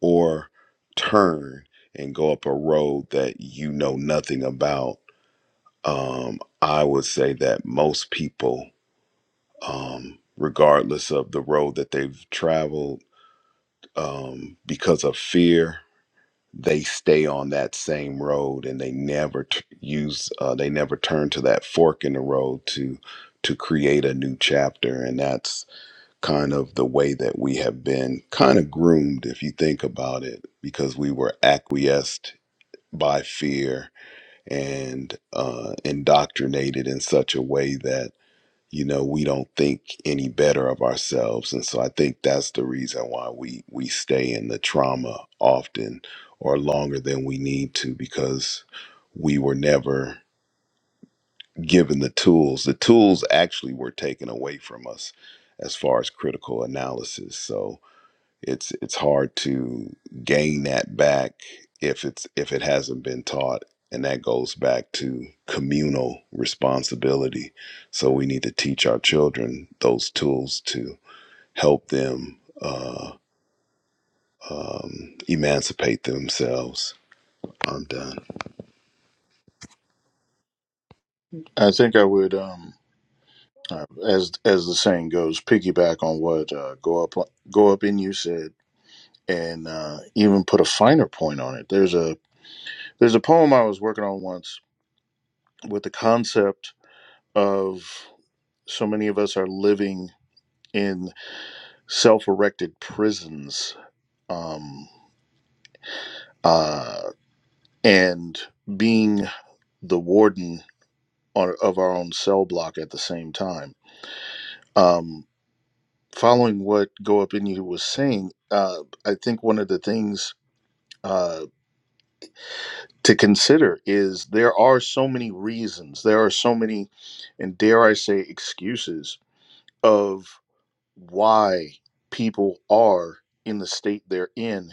or turn and go up a road that you know nothing about. Um, I would say that most people, um, regardless of the road that they've traveled, um, because of fear they stay on that same road and they never t- use uh, they never turn to that fork in the road to to create a new chapter and that's kind of the way that we have been kind of groomed if you think about it because we were acquiesced by fear and uh, indoctrinated in such a way that you know we don't think any better of ourselves and so i think that's the reason why we we stay in the trauma often or longer than we need to because we were never given the tools the tools actually were taken away from us as far as critical analysis so it's it's hard to gain that back if it's if it hasn't been taught, and that goes back to communal responsibility. So we need to teach our children those tools to help them uh, um, emancipate themselves. I'm done. I think I would, um, uh, as as the saying goes, piggyback on what uh, go up go up in you said, and uh, even put a finer point on it. There's a there's a poem I was working on once with the concept of so many of us are living in self erected prisons um, uh, and being the warden on, of our own cell block at the same time. Um, following what Go Up In You was saying, uh, I think one of the things uh, to consider is there are so many reasons, there are so many, and dare I say, excuses of. why people are in the state they're in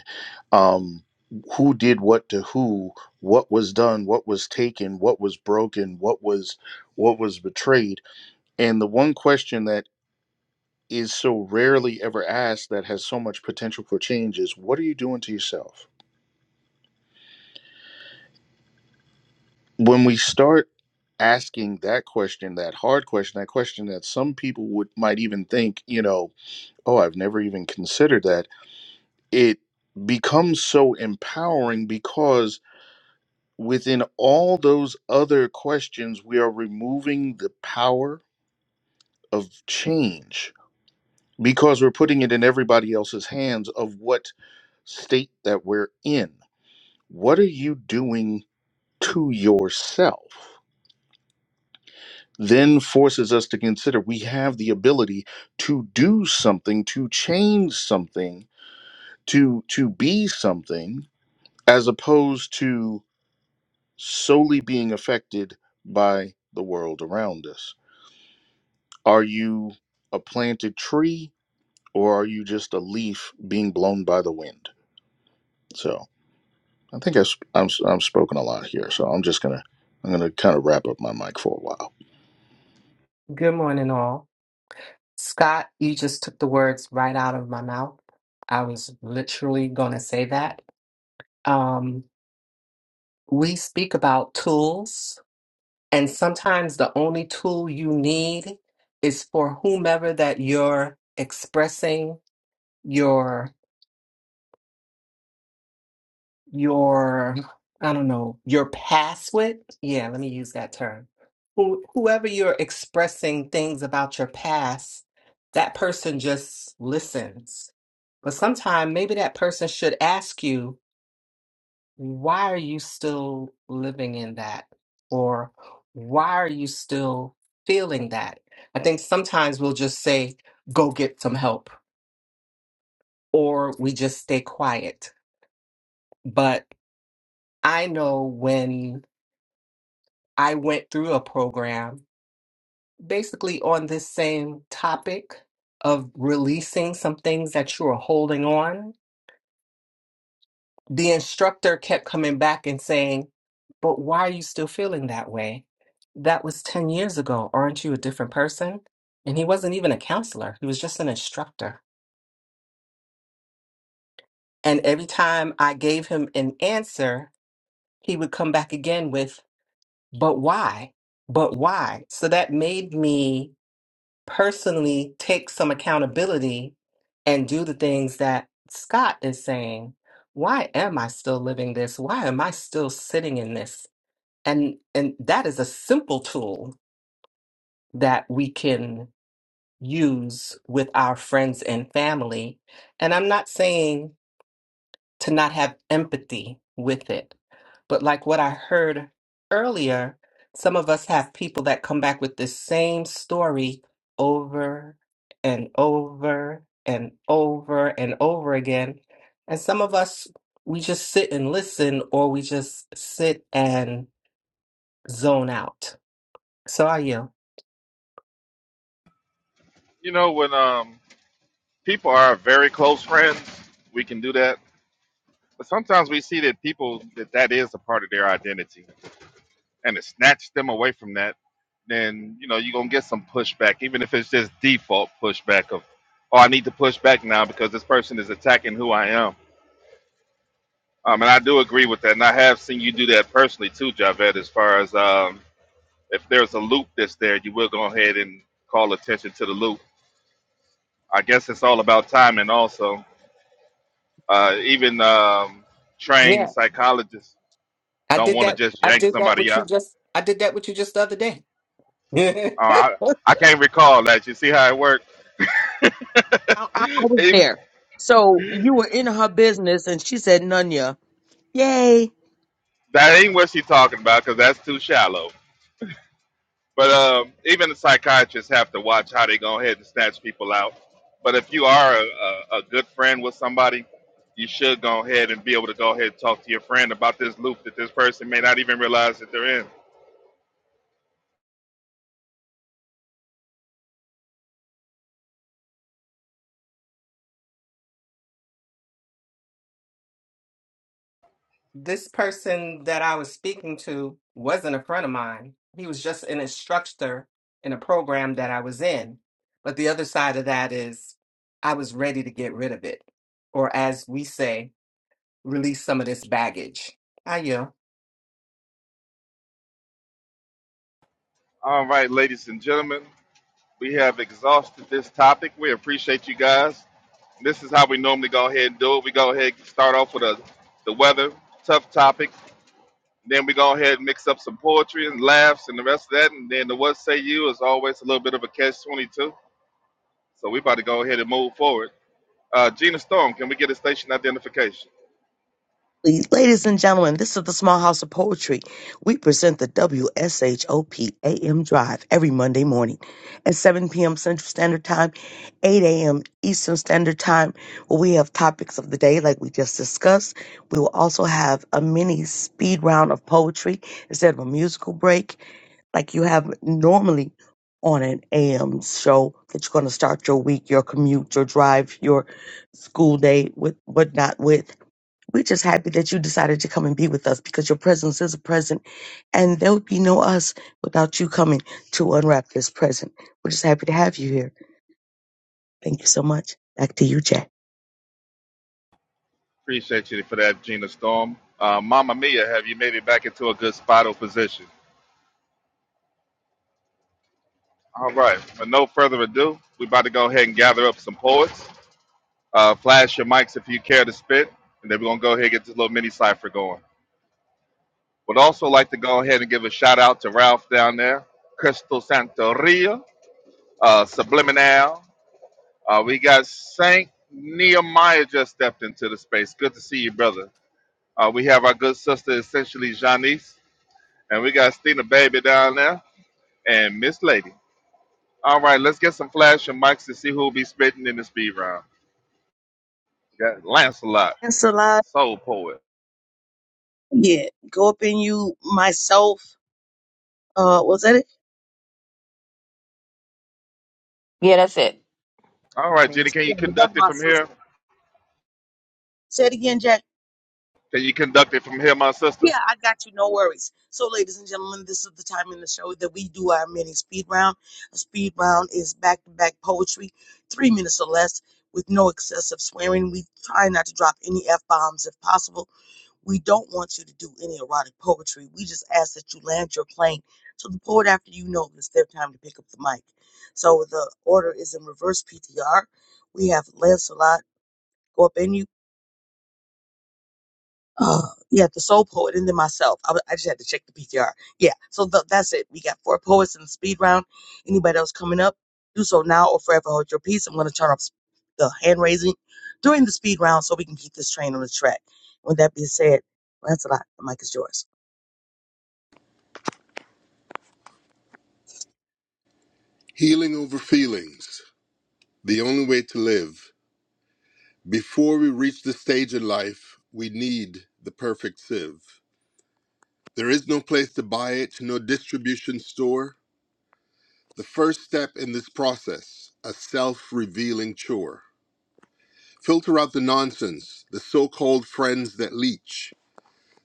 um who did what to who what was done what was taken what was broken what was what was betrayed and the one question that is so rarely ever asked that has so much potential for change is what are you doing to yourself when we start asking that question that hard question that question that some people would might even think you know oh i've never even considered that it becomes so empowering because within all those other questions, we are removing the power of change because we're putting it in everybody else's hands of what state that we're in. What are you doing to yourself? Then forces us to consider we have the ability to do something, to change something, to to be something, as opposed to solely being affected by the world around us. Are you a planted tree or are you just a leaf being blown by the wind? So I think I sp- I'm, I'm spoken a lot here. So I'm just going to, I'm going to kind of wrap up my mic for a while. Good morning, all. Scott, you just took the words right out of my mouth. I was literally going to say that. Um, we speak about tools, and sometimes the only tool you need is for whomever that you're expressing your your I don't know your past with. Yeah, let me use that term. Who, whoever you're expressing things about your past, that person just listens But sometime maybe that person should ask you, why are you still living in that? Or why are you still feeling that? I think sometimes we'll just say, go get some help, or we just stay quiet. But I know when I went through a program, basically on this same topic of releasing some things that you are holding on the instructor kept coming back and saying, But why are you still feeling that way? That was 10 years ago. Aren't you a different person? And he wasn't even a counselor, he was just an instructor. And every time I gave him an answer, he would come back again with, But why? But why? So that made me personally take some accountability and do the things that Scott is saying. Why am I still living this? Why am I still sitting in this? and and that is a simple tool that we can use with our friends and family and i'm not saying to not have empathy with it but like what i heard earlier some of us have people that come back with this same story over and over and over and over again and some of us we just sit and listen or we just sit and zone out so are you You know, when um, people are very close friends, we can do that. But sometimes we see that people, that that is a part of their identity. And to snatch them away from that, then, you know, you're going to get some pushback, even if it's just default pushback of, oh, I need to push back now because this person is attacking who I am. Um, and I do agree with that. And I have seen you do that personally too, Javed, as far as um, if there's a loop that's there, you will go ahead and call attention to the loop I guess it's all about timing. Also, uh, even um, trained Yeah, psychologists I don't did want to that. just I yank did that somebody with you out. just. I did that with you just the other day. Uh, I, I can't recall that. You see how it works? I, I, I was even, there. So you were in her business, and she said, Nunya, yay. that ain't what she's talking about because that's too shallow. But um, even the psychiatrists have to watch how they go ahead and snatch people out. But if you are a, a, a good friend with somebody, you should go ahead and be able to go ahead and talk to your friend about this loop that this person may not even realize that they're in. this person that I was speaking to wasn't a friend of mine. He was just an instructor in a program that I was in. But the other side of that is, I was ready to get rid of it, or as we say, release some of this baggage. I yeah. All right, ladies and gentlemen. We have exhausted this topic. We appreciate you guys. This is how we normally go ahead and do it. We go ahead and start off with a, the weather, tough topic. Then we go ahead and mix up some poetry and laughs and the rest of that. And then the what say you is always a little bit of a catch 22. So we about to go ahead and move forward. Uh, Gina Storm, can we get a station identification? Ladies and gentlemen, this is the Small House of Poetry. We present the W S H O P A M Drive every Monday morning at 7 p.m. Central Standard Time, 8 a.m. Eastern Standard Time, where we have topics of the day like we just discussed. We will also have a mini speed round of poetry instead of a musical break like you have normally on an AM show that you're going to start your week, your commute, your drive, your school day with whatnot with. We're just happy that you decided to come and be with us because your presence is a present and there would be no us without you coming to unwrap this present. We're just happy to have you here. Thank you so much. Back to you, Jay. Appreciate you for that, Gina Storm. Uh, Mama Mia, have you made it back into a good spot or position? All right. With no further ado, we about to go ahead and gather up some poets. Uh, flash your mics if you care to spit, and then we're gonna go ahead and get this little mini cipher going. Would also like to go ahead and give a shout out to Ralph down there, Crystal Santoria, uh, Subliminal. Uh, we got Saint Nehemiah just stepped into the space. Good to see you, brother. Uh, we have our good sister, essentially Janice, and we got Stina Baby down there and Miss Lady. All right, let's get some flash and mics to see who'll be spitting in the speed round. We got Lancelot, Ensalada. Soul Poet. Yeah. Go up in you myself. Uh was that it? yeah that's it All I right, mean, Jenny, she- can you That's conduct it my from here? sister. Say it again, Can you conduct it from here, my sister? Yeah, I got you. No worries. So, ladies and gentlemen, this is the time in the show that we do our mini speed round. A speed round is back to back poetry, three minutes or less, with no excessive swearing. We try not to drop any F bombs if possible. We don't want you to do any erotic poetry. We just ask that you land your plane. So, the poet after you know it's their time to pick up the mic. So, the order is in reverse PTR. We have Lancelot go up in you uh yeah the soul poet and then myself I, wa- I just had to check the ptr yeah so th- that's it we got four poets in the speed round anybody else coming up do so now or forever hold your peace i'm going to turn off s- the hand raising during the speed round so we can keep this train on the track with that being said well, that's a lot the mic is yours Healing over feelings, the only way to live. Before we reach the stage in life, we need the perfect sieve. There is no place to buy it, no distribution store. The first step in this process, a self revealing chore. Filter out the nonsense, the so called friends that leech,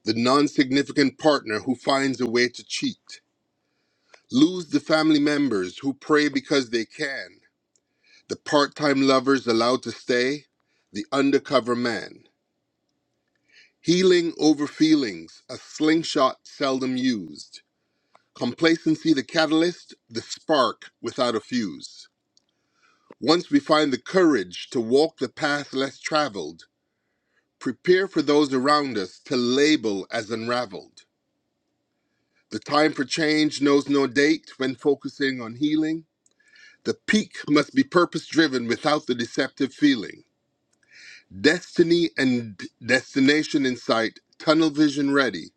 the non significant partner who finds a way to cheat. Lose the family members who pray because they can, The part time lovers allowed to stay, the undercover man. Healing over feelings, a slingshot seldom used. Complacency the catalyst, the spark without a fuse. Once we find the courage to walk the path less traveled, prepare for those around us to label as unraveled. The time for change knows no date when focusing on healing. The peak must be purpose driven without the deceptive feeling. Destiny and destination in sight, tunnel vision ready,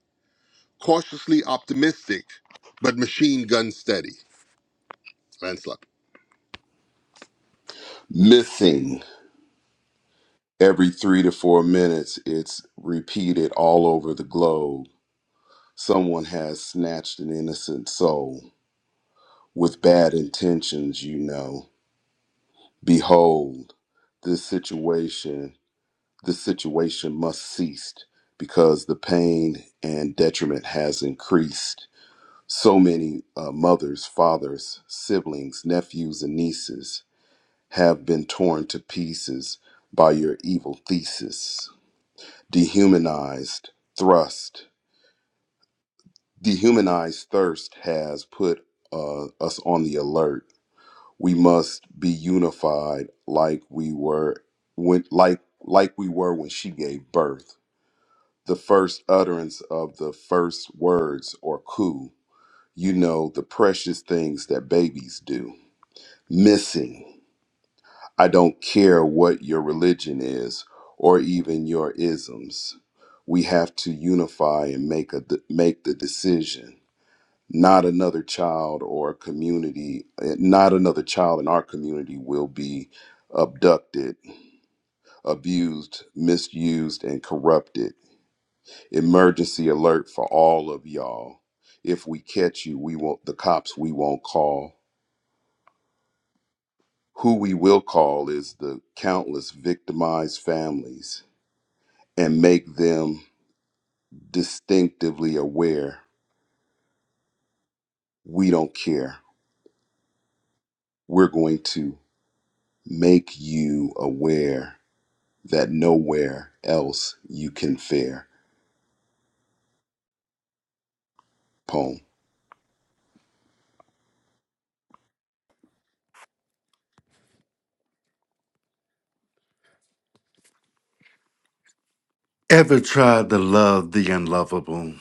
cautiously optimistic, but machine gun steady. Lancelot. Mything every three to four minutes, it's repeated all over the globe. Someone has snatched an innocent soul with bad intentions, you know. Behold, this situation, this situation must cease because the pain and detriment has increased. So many uh, mothers, fathers, siblings, nephews, and nieces have been torn to pieces by your evil thesis. Dehumanized thrust, dehumanized thirst has put uh, us on the alert we must be unified like we were when like like we were when she gave birth the first utterance of the first words or coup you know the precious things that babies do missing i don't care what your religion is or even your isms we have to unify and make a make the decision not another child or community, eh, not another child in our community will be abducted, abused, misused, and corrupted. Emergency alert for all of y'all. If we catch you, we won't, the cops we won't call. Who we will call is the countless victimized families and make them distinctively aware we don't care. We're going to make you aware that nowhere else you can fare poem. ever tried to love the unlovable?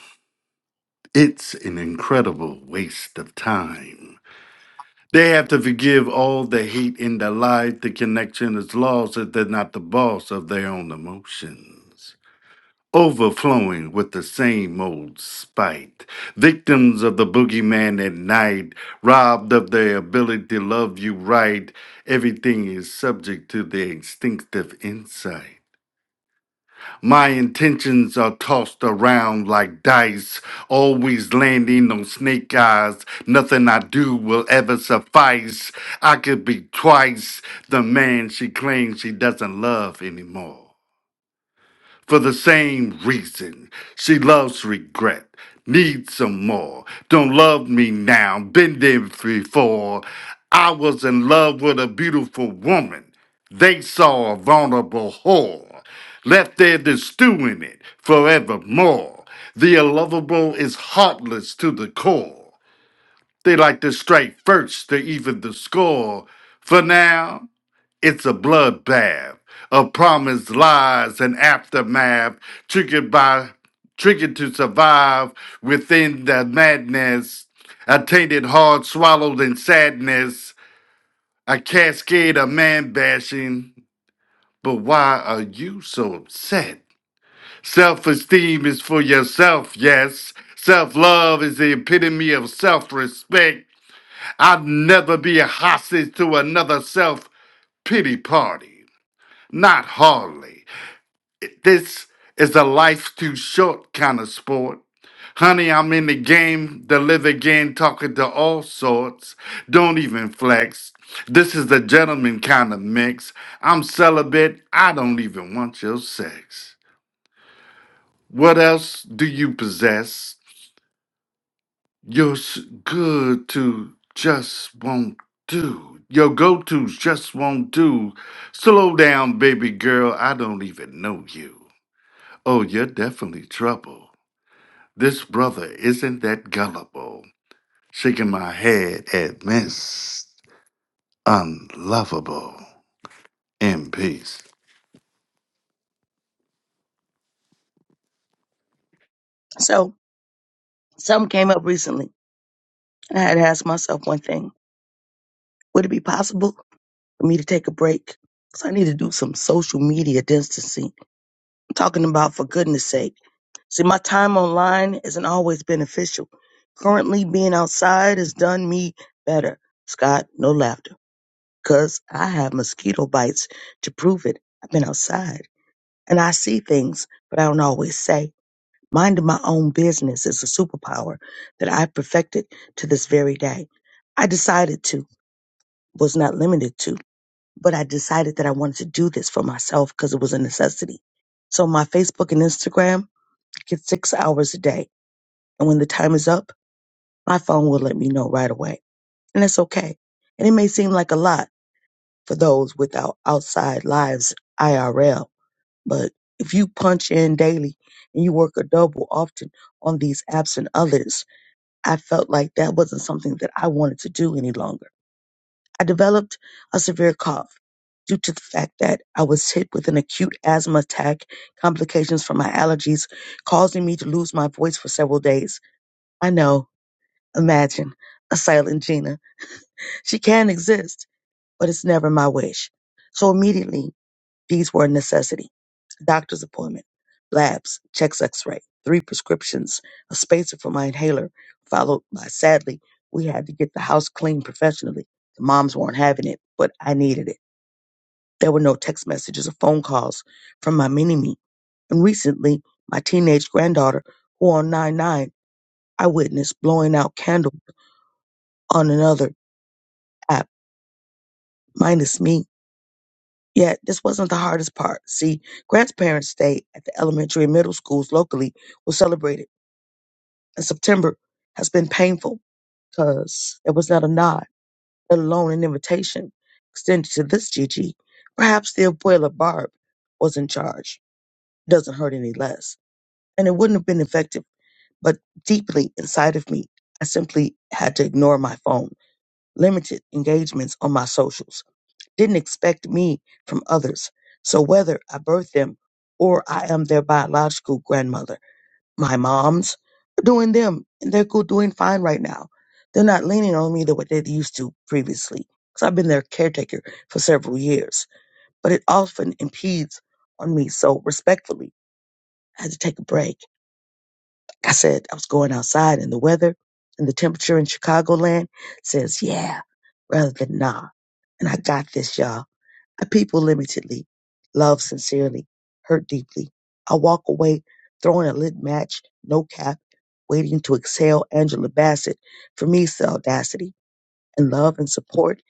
It's an incredible waste of time. They have to forgive all the hate in their life. The connection is lost if they're not the boss of their own emotions. overflowing with the same old spite. Victims of the boogeyman at night, robbed of their ability to love you right, everything is subject to their instinctive insight. My intentions are tossed around like dice, always landing on snake eyes. Nothing I do will ever suffice. I could be twice the man she claims she doesn't love anymore for the same reason. She loves regret, needs some more. Don't love me now, been there before. I was in love with a beautiful woman. They saw a vulnerable whore, left there to stew in it forevermore. The unlovable is heartless to the core. They like to strike first to even the score. For now, it's a bloodbath of promised lies and aftermath, triggered by triggered to survive within the madness. I tainted hard swallowed in sadness, a cascade of man bashing. But why are you so upset? Self esteem is for yourself, yes. Self love is the epitome of self respect. I'd never be a hostage to another self pity party. Not hardly. This is a life too short kind of sport. Honey, I'm in the game, to live again, talking to all sorts. Don't even flex. This is the gentleman kind of mix. I'm celibate, I don't even want your sex. What else do you possess? You're s- good to just won't do. Your go tos just won't do. Slow down, baby girl, I don't even know you. Oh, you're definitely trouble. This brother isn't that gullible, shaking my head at Miss Unlovable in peace. so something came up recently and i had to ask myself one thing would it be possible for me to take a break because i need to do some social media distancing I'm talking about for goodness sake See, my time online isn't always beneficial. Currently, being outside has done me better. Scott, no laughter, cause I have mosquito bites to prove it. I've been outside and I see things, but I don't always say. Minding my own business is a superpower that I perfected to this very day. I decided to, was not limited to, but I decided that I wanted to do this for myself because it was a necessity. So my Facebook and Instagram get six hours a day And when the time is up, my phone will let me know right away. And that's okay. And it may seem like a lot for those without outside lives IRL, but if you punch in daily and you work a double often on these apps and others, I felt like that wasn't something that I wanted to do any longer. I developed a severe cough due to the fact that I was hit with an acute asthma attack, complications from my allergies, causing me to lose my voice for several days. I know Imagine a silent Gina. She can exist, but it's never my wish. So immediately, these were a necessity. Doctor's appointment, labs, checks x-ray, three prescriptions, a spacer for my inhaler, followed by, sadly, we had to get the house cleaned professionally. The moms weren't having it, but I needed it. There were no text messages or phone calls from my mini-me. And recently, my teenage granddaughter, who on 9-9, I witnessed blowing out candles on another app minus me. Yet this wasn't the hardest part. See, Grant's parents' day at the elementary and middle schools locally was celebrated, and September has been painful because there was not a nod, let alone an invitation extended to this Gigi. Perhaps the abuela Barb was in charge. It Doesn't hurt any less, and it wouldn't have been effective. But deeply inside of me, I simply had to ignore my phone, limited engagements on my socials didn't expect me from others. So whether I birthed them or I am their biological grandmother, my moms are doing them and they're go- doing fine right now. They're not leaning on me the way they used to previously because I've been their caretaker for several years, but it often impedes on me. So respectfully, I had to take a break. I said I was going outside and the weather and the temperature in Chicagoland says, yeah, rather than nah. And I got this, y'all. I people limitedly, love sincerely, hurt deeply. I walk away throwing a lit match, no cap, waiting to exhale Angela Bassett. For me, it's the audacity and love and support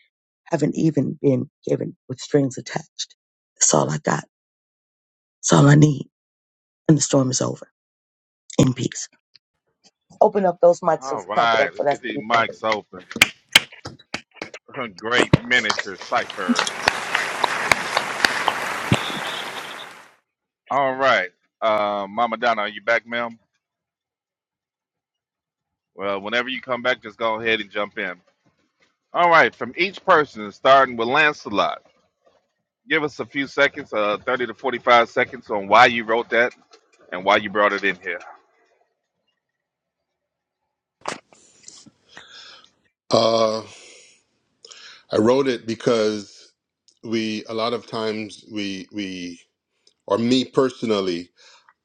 haven't even been given with strings attached. That's all I got. That's all I need. And the storm is over. In peace. Open up those mics. All Let's clap it right, up let's for that get these speed. mics open. Great miniature cipher. All right, uh, Mama Donna, are you back, ma'am? Well, whenever you come back, just go ahead and jump in. All right, from each person, starting with Lancelot, give us a few seconds, uh, 30 to 45 seconds, on why you wrote that and why you brought it in here. Uh, I wrote it because we a lot of times we we or me personally,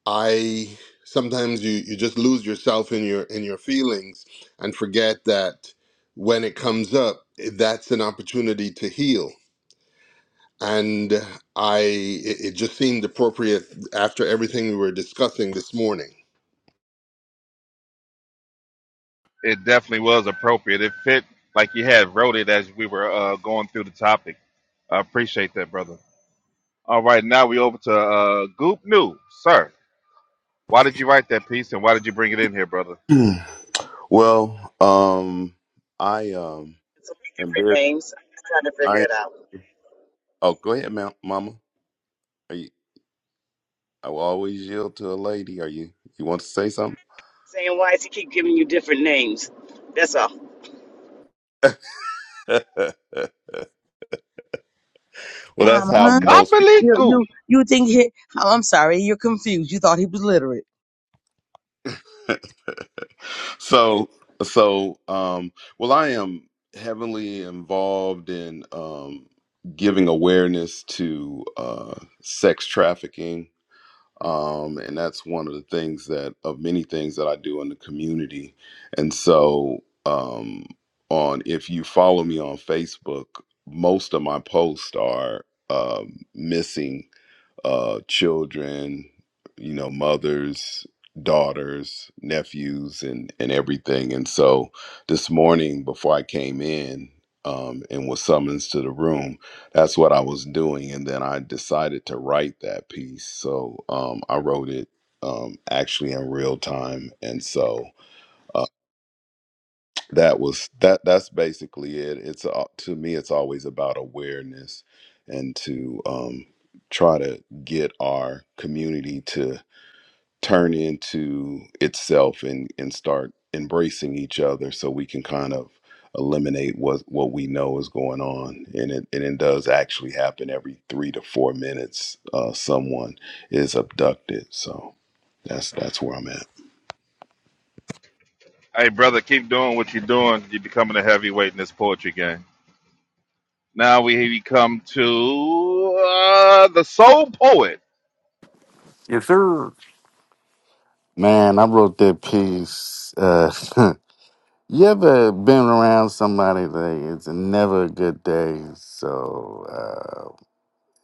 I sometimes you you just lose yourself in your in your feelings and forget that when it comes up, that's an opportunity to heal and I it, it just seemed appropriate after everything we were discussing this morning. It definitely was appropriate. It fit like you had wrote it as we were uh, going through the topic. I appreciate that, brother. All right, now we over to uh, Goop New. Sir, why did you write that piece and why did you bring it in here, brother? well, um, I um am very I am oh go ahead, ma- Mama. Are you? I will always yield to a lady. Are you? You want to say something? well, that's how Mama, most people. Gobbly you Goop. you you think he? oh, I'm sorry, you're confused. You thought he was literate. So so um. Well, I am heavily involved in um giving awareness to uh sex trafficking um, and that's one of the things that of many things that I do in the community. And so, um, on if you follow me on Facebook, most of my posts are um missing uh, children, you know, mothers, daughters, nephews, and and everything. And so this morning, before I came in um, and was summoned to the room, that's what I was doing. And then I decided to write that piece. So um, I wrote it um, actually in real time. And so. uh, that was that that's basically it it's a- to me it's always about awareness and to um try to get our community to turn into itself and and start embracing each other so we can kind of eliminate what what we know is going on and it and it does actually happen every 3 to 4 minutes uh someone is abducted so that's that's where I'm at Hey, brother, keep doing what you're doing. You're becoming a heavyweight in this poetry game. Now we, we come to uh, the soul poet. Yes, sir. Man, I wrote that piece. Uh, you ever been around somebody that it's never a good day? So, uh,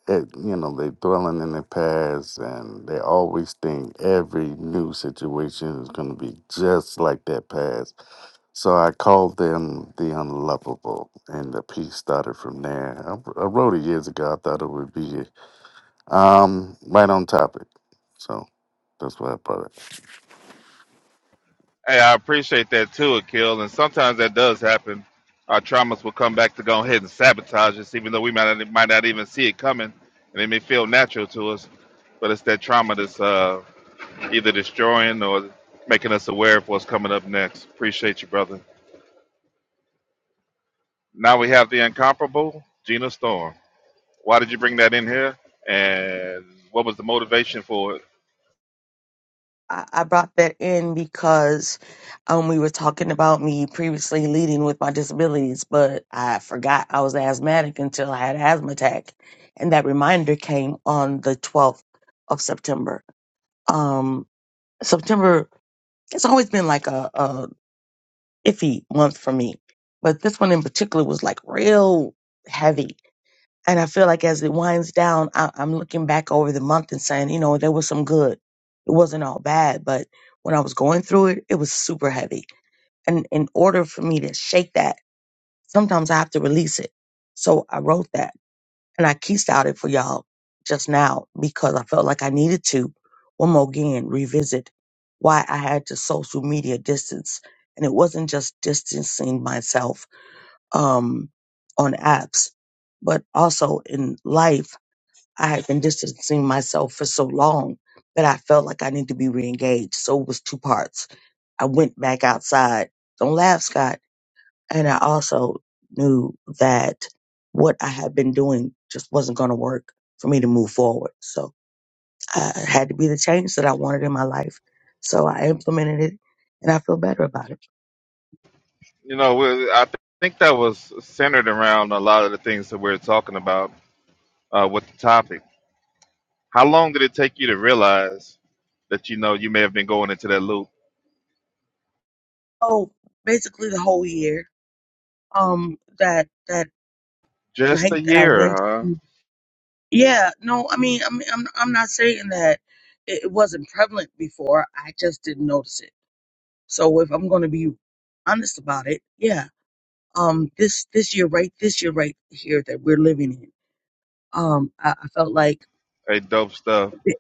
it, you know, they dwelling in the past and they always think every new situation is going to be just like that past. So I called them the unlovable, and the piece started from there. I, I wrote it years ago. I thought it would be um, right on topic. So that's why I brought it. Hey, I appreciate that too, Akil. And sometimes that does happen. Our traumas will come back to go ahead and sabotage us, even though we might not, might not even see it coming. And it may feel natural to us, but it's that trauma that's uh, either destroying or making us aware of what's coming up next. Appreciate you, brother. Now we have the incomparable Gina Storm. Why did you bring that in here? And what was the motivation for it? I I brought that in because um, we were talking about me previously leading with my disabilities, but I forgot I was asthmatic until I had an asthma attack. And that reminder came on the 12th of September. Um, September, it's always been like a, a iffy month for me, but this one in particular was like real heavy and I feel like as it winds down, I, I'm looking back over the month and saying, you know, there was some good. It wasn't all bad, but when I was going through it, it was super heavy. And in order for me to shake that, sometimes I have to release it. So I wrote that and I keyed out it for y'all just now because I felt like I needed to, one more again, revisit why I had to social media distance. And it wasn't just distancing myself um, on apps, but also in life I had been distancing myself for so long that I felt like I needed to be reengaged. So it was two parts. I went back outside. Don't laugh, Scott. And I also knew that what I had been doing just wasn't going to work for me to move forward. So I it had to be the change that I wanted in my life. So I implemented it and I feel better about it. You know, we- I th- think that was centered around a lot of the things that we're talking about uh, with the topic. How long did it take you to realize that you know you may have been going into that loop? Oh, basically the whole year. Um, that that Just night a that I year, went. huh? to- Yeah, no, I mean, I mean, I'm I'm not saying that it it wasn't prevalent before. I just didn't notice it. So if I'm going to be honest about it, yeah, um this this year right this year right here that we're living in um i, I felt like Hey, dope stuff. th-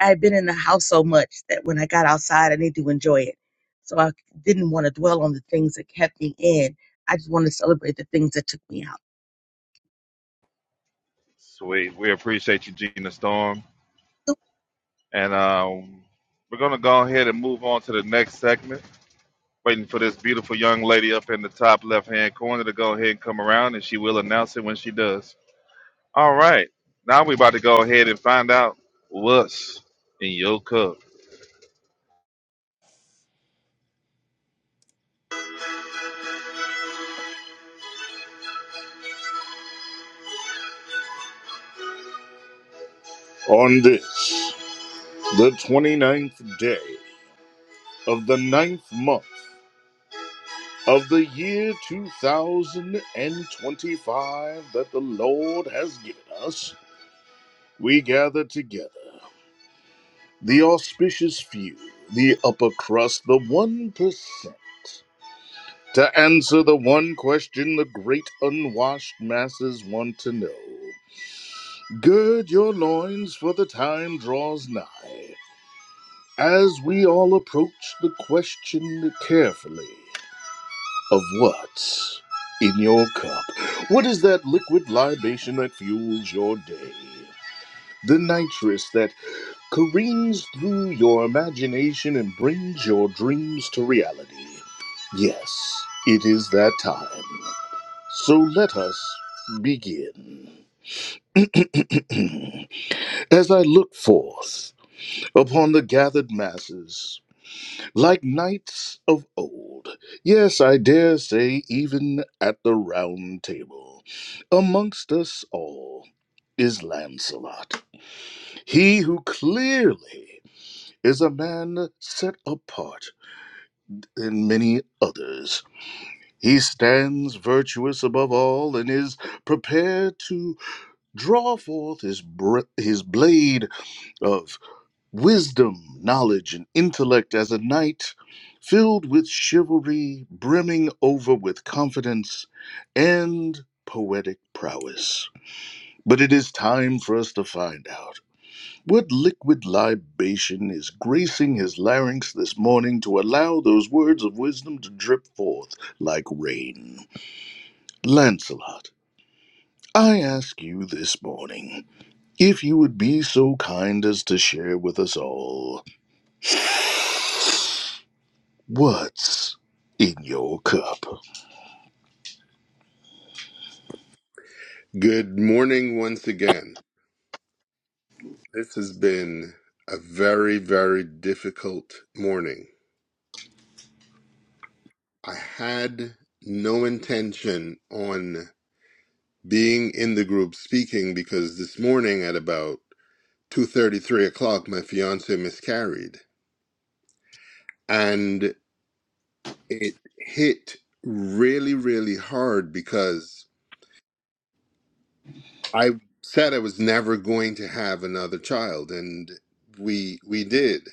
i had been in the house so much that when i got outside i needed to enjoy it so i didn't want to dwell on the things that kept me in i just wanted to celebrate the things that took me out Sweet. We appreciate you, Gina Storm. And um, we're going to go ahead and move on to the next segment. Waiting for this beautiful young lady up in the top left hand corner to go ahead and come around, and she will announce it when she does. All right. Now we're about to go ahead and find out what's in your cup. On this, the 29th day of the ninth month of the year 2025 that the Lord has given us, we gather together the auspicious few, the upper crust, the 1%. To answer the one question the great unwashed masses want to know Gird your loins, for the time draws nigh, as we all approach the question carefully of what's in your cup. What is that liquid libation that fuels your day? The nitrous that careens through your imagination and brings your dreams to reality. Yes, it is that time. So let us begin. As I look forth upon the gathered masses, like knights of old, yes, I dare say, even at the round table, amongst us all is Lancelot, he who clearly is a man set apart and many others. He stands virtuous above all and is prepared to draw forth his, br- his blade of wisdom, knowledge, and intellect as a knight filled with chivalry, brimming over with confidence and poetic prowess. But it is time for us to find out. What liquid libation is gracing his larynx this morning to allow those words of wisdom to drip forth like rain? Lancelot, I ask you this morning if you would be so kind as to share with us all what's in your cup. Good morning once again. This has been a very very difficult morning. I had no intention on being in the group speaking because this morning at about two thirty three o'clock my fiance miscarried and it hit really really hard because I said I was never going to have another child, and we we did.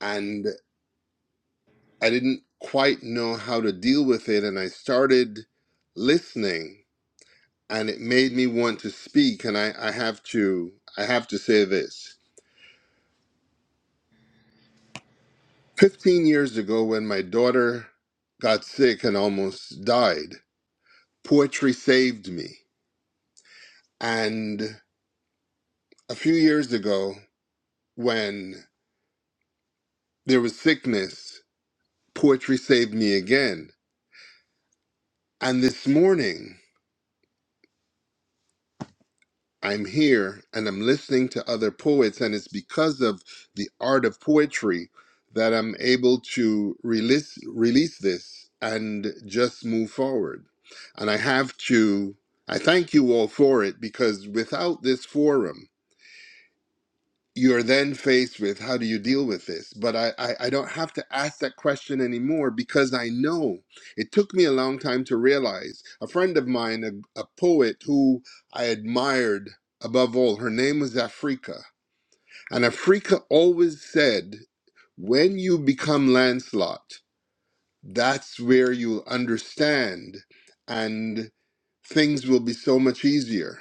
And I didn't quite know how to deal with it, and I started listening, and it made me want to speak. And I, I have to I have to say this: fifteen years ago, when my daughter got sick and almost died, poetry saved me. And a few years ago, when there was sickness, poetry saved me again And this morning, I'm here and I'm listening to other poets, and it's because of the art of poetry that I'm able to release release this and just move forward. And I have to I thank you all for it because without this forum you're then faced with how do you deal with this but I, I i don't have to ask that question anymore because i know it took me a long time to realize a friend of mine a, a poet who i admired above all her name was afrika and afrika always said when you become lancelot that's where you'll understand and things will be so much easier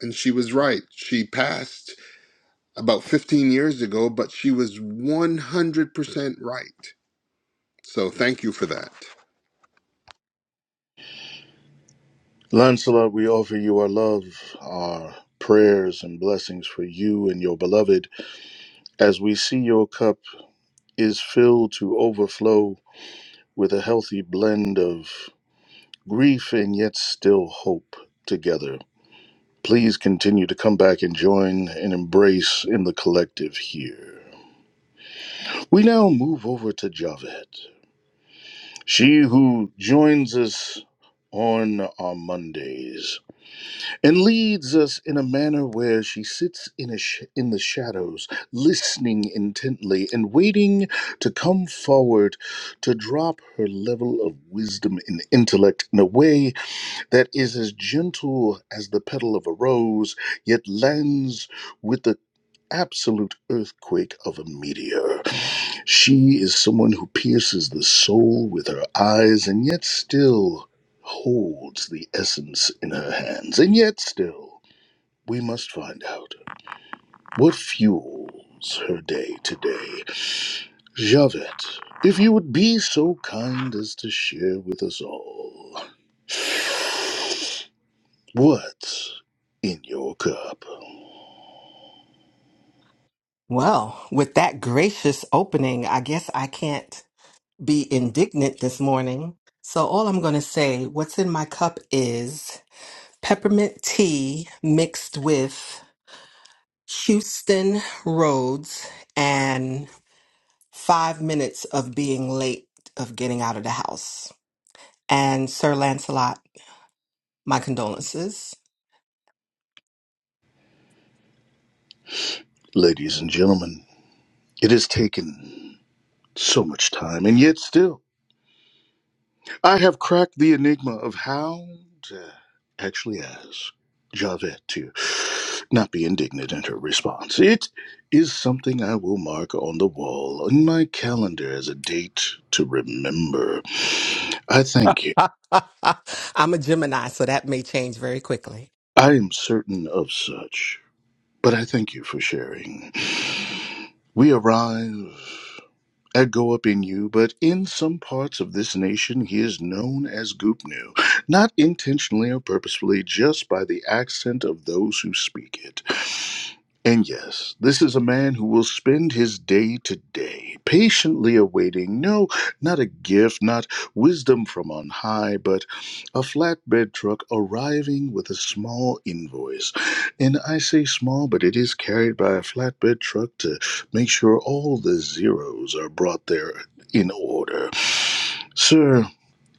and she was right she passed about 15 years ago, but she was 100% right. So thank you for that. Lancelot, we offer you our love, our prayers and blessings for you and your beloved as we see your cup is filled to overflow with a healthy blend of grief and yet still hope together. Please continue to come back and join and embrace in the collective here. We now move over to Javed. She who joins us on our Mondays and leads us in a manner where she sits in, a sh- in the shadows, listening intently and waiting to come forward to drop her level of wisdom and intellect in a way that is as gentle as the petal of a rose, yet lands with the absolute earthquake of a meteor. She is someone who pierces the soul with her eyes and yet still holds the essence in her hands. And yet still, we must find out what fuels her day to day. Javette, if you would be so kind as to share with us all what's in your cup. Well, with that gracious opening, I guess I can't. be indignant this morning. So, all I'm going to say, what's in my cup is peppermint tea mixed with Houston roads and five minutes of being late of getting out of the house. And Sir Lancelot, my condolences. Ladies and gentlemen, it has taken so much time, and yet still, I have cracked the enigma of how to actually ask Javette to not be indignant in her response. It is something I will mark on the wall on my calendar as a date to remember. I thank you. I'm a Gemini, so that may change very quickly. I am certain of such, but I thank you for sharing. We arrive. I go up in you, but in some parts of this nation he is known as Goopnu, not intentionally or purposefully, just by the accent of those who speak it. And yes, this is a man who will spend his day to day patiently awaiting no, not a gift, not wisdom from on high, but a flatbed truck arriving with a small invoice. And I say small, but it is carried by a flatbed truck to. Make sure all the zeros are brought there in order. Sir,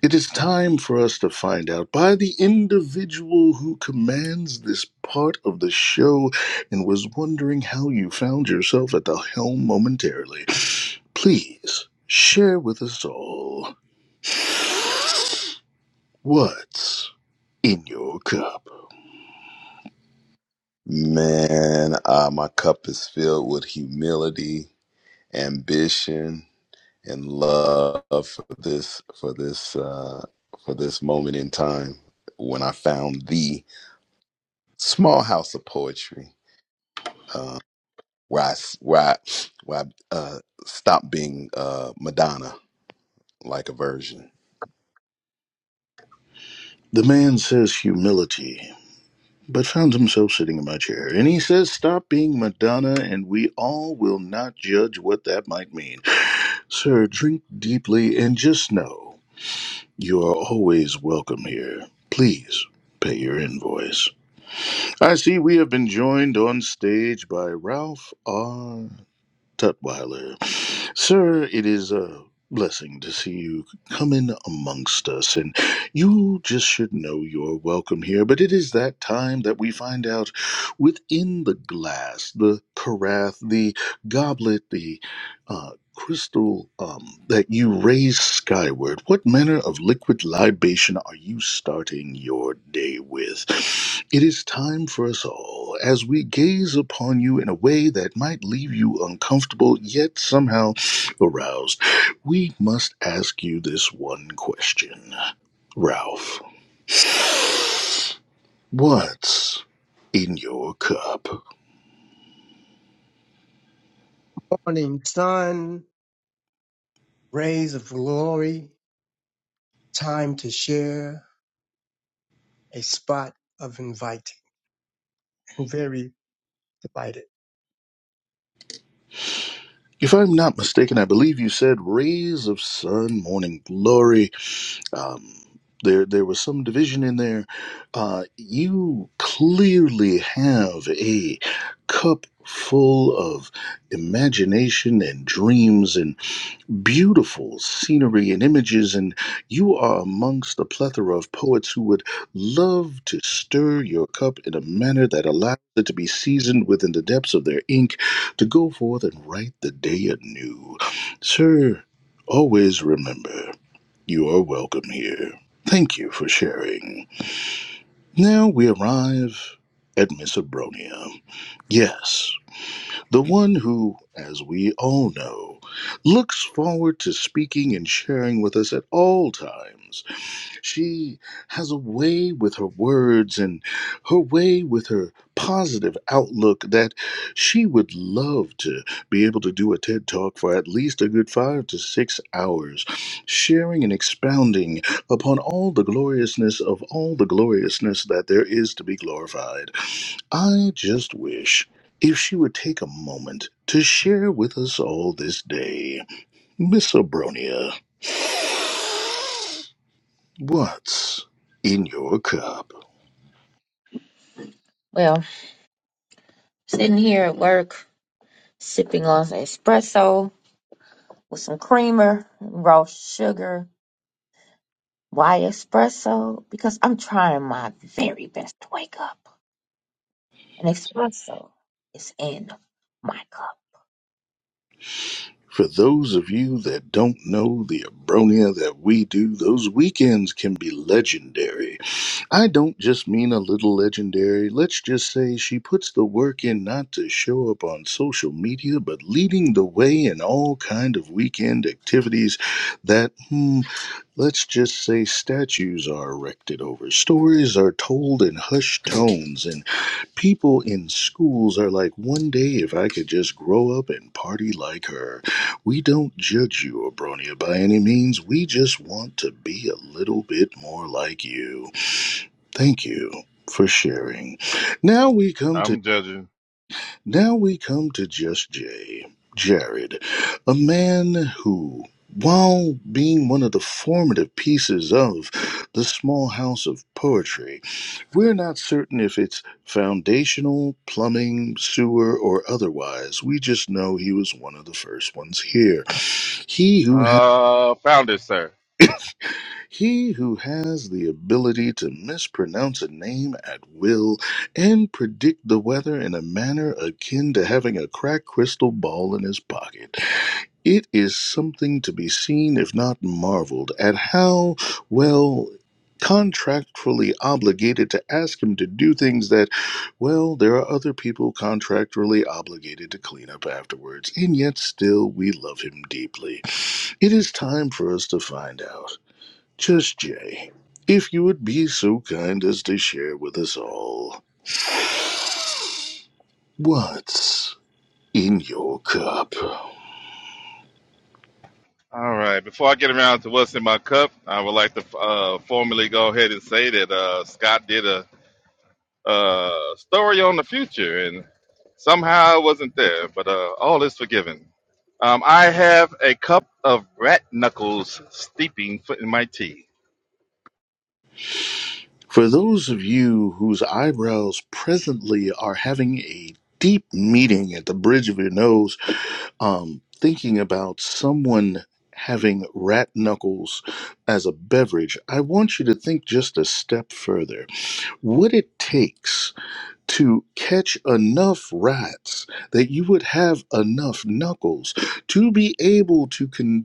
it is time for us to find out by the individual who commands this part of the show and was wondering how you found yourself at the helm momentarily. Please share with us all what's in your cup. man uh my cup is filled with humility ambition and love for this for this uh, for this moment in time when I found the small house of poetry uh, where I s- where I, where I uh, stopped being uh, Madonna like a virgin The man says humility, but found himself sitting in my chair. And he says, Stop being Madonna, and we all will not judge what that might mean. Sir, drink deeply and just know you are always welcome here. Please pay your invoice. I see we have been joined on stage by Ralph R. Tutwiler. Sir, it is a blessing to see you come in amongst us, and you just should know you're welcome here. But it is that time that we find out within the glass, the carafe, the goblet, the uh, crystal um, that you raise skyward, what manner of liquid libation are you starting your day with? It is time for us all, as we gaze upon you in a way that might leave you uncomfortable, yet somehow aroused. We must ask you this one question, Ralph. What's in your cup? morning sun, rays of glory, time to share a spot of inviting. I'm very delighted. If I'm not mistaken, I believe you said rays of sun, morning glory, um, there there was some division in there. Uh, you clearly have a cup full of imagination and dreams and beautiful scenery and images and you are amongst a plethora of poets who would love to stir your cup in a manner that allows it to be seasoned within the depths of their ink to go forth and write the day anew sir always remember you are welcome here. Thank you for sharing. Now we arrive at Miss Abronia. Yes, the one who, as we all know, looks forward to speaking and sharing with us at all times she has a way with her words and her way with her positive outlook that she would love to be able to do a TED Talk for at least a good five to six hours, sharing and expounding upon all the gloriousness of all the gloriousness that there is to be glorified. I just wish. If she would take a moment to share with us all this day, Miss Abronia, what's in your cup? well sitting here at work sipping on some espresso with some creamer raw sugar why espresso because i'm trying my very best to wake up and espresso is in my cup For those of you that don't know the Abronia that we do, those weekends can be legendary. I don't just mean a little legendary. Let's just say she puts the work in not to show up on social media, but leading the way in all kind of weekend activities that, hmm, let's just say statues are erected over, stories are told in hushed tones, and people in schools are like, one day if I could just grow up and party like her. We don't judge you, Abronia, by any means. We just want to be a little bit more like you. Thank you for sharing. Now we come to I'm judging. now we come to just Jay. Jared, a man who, while being one of the formative pieces of the small house of poetry, we're not certain if it's foundational, plumbing, sewer, or otherwise. We just know he was one of the first ones here. He who ha- Uh, founder, sir. he who has the ability to mispronounce a name at will and predict the weather in a manner akin to having a cracked crystal ball in his pocket. It is something to be seen, if not marveled, at how well contractually obligated to ask him to do things that, well, there are other people contractually obligated to clean up afterwards, and yet still we love him deeply. It is time for us to find out. Just Jay, if you would be so kind as to share with us all what's in your cup. All right. Before I get around to what's in my cup, I would like to uh, formally go ahead and say that uh, Scott did a uh, story on the future, and somehow I wasn't there. But uh, all is forgiven. Um, I have a cup of rat knuckles steeping foot in my tea. For those of you whose eyebrows presently are having a deep meeting at the bridge of your nose, um, thinking about someone having rat knuckles as a beverage, I want you to think just a step further. What it takes to catch enough rats that you would have enough knuckles to be able to con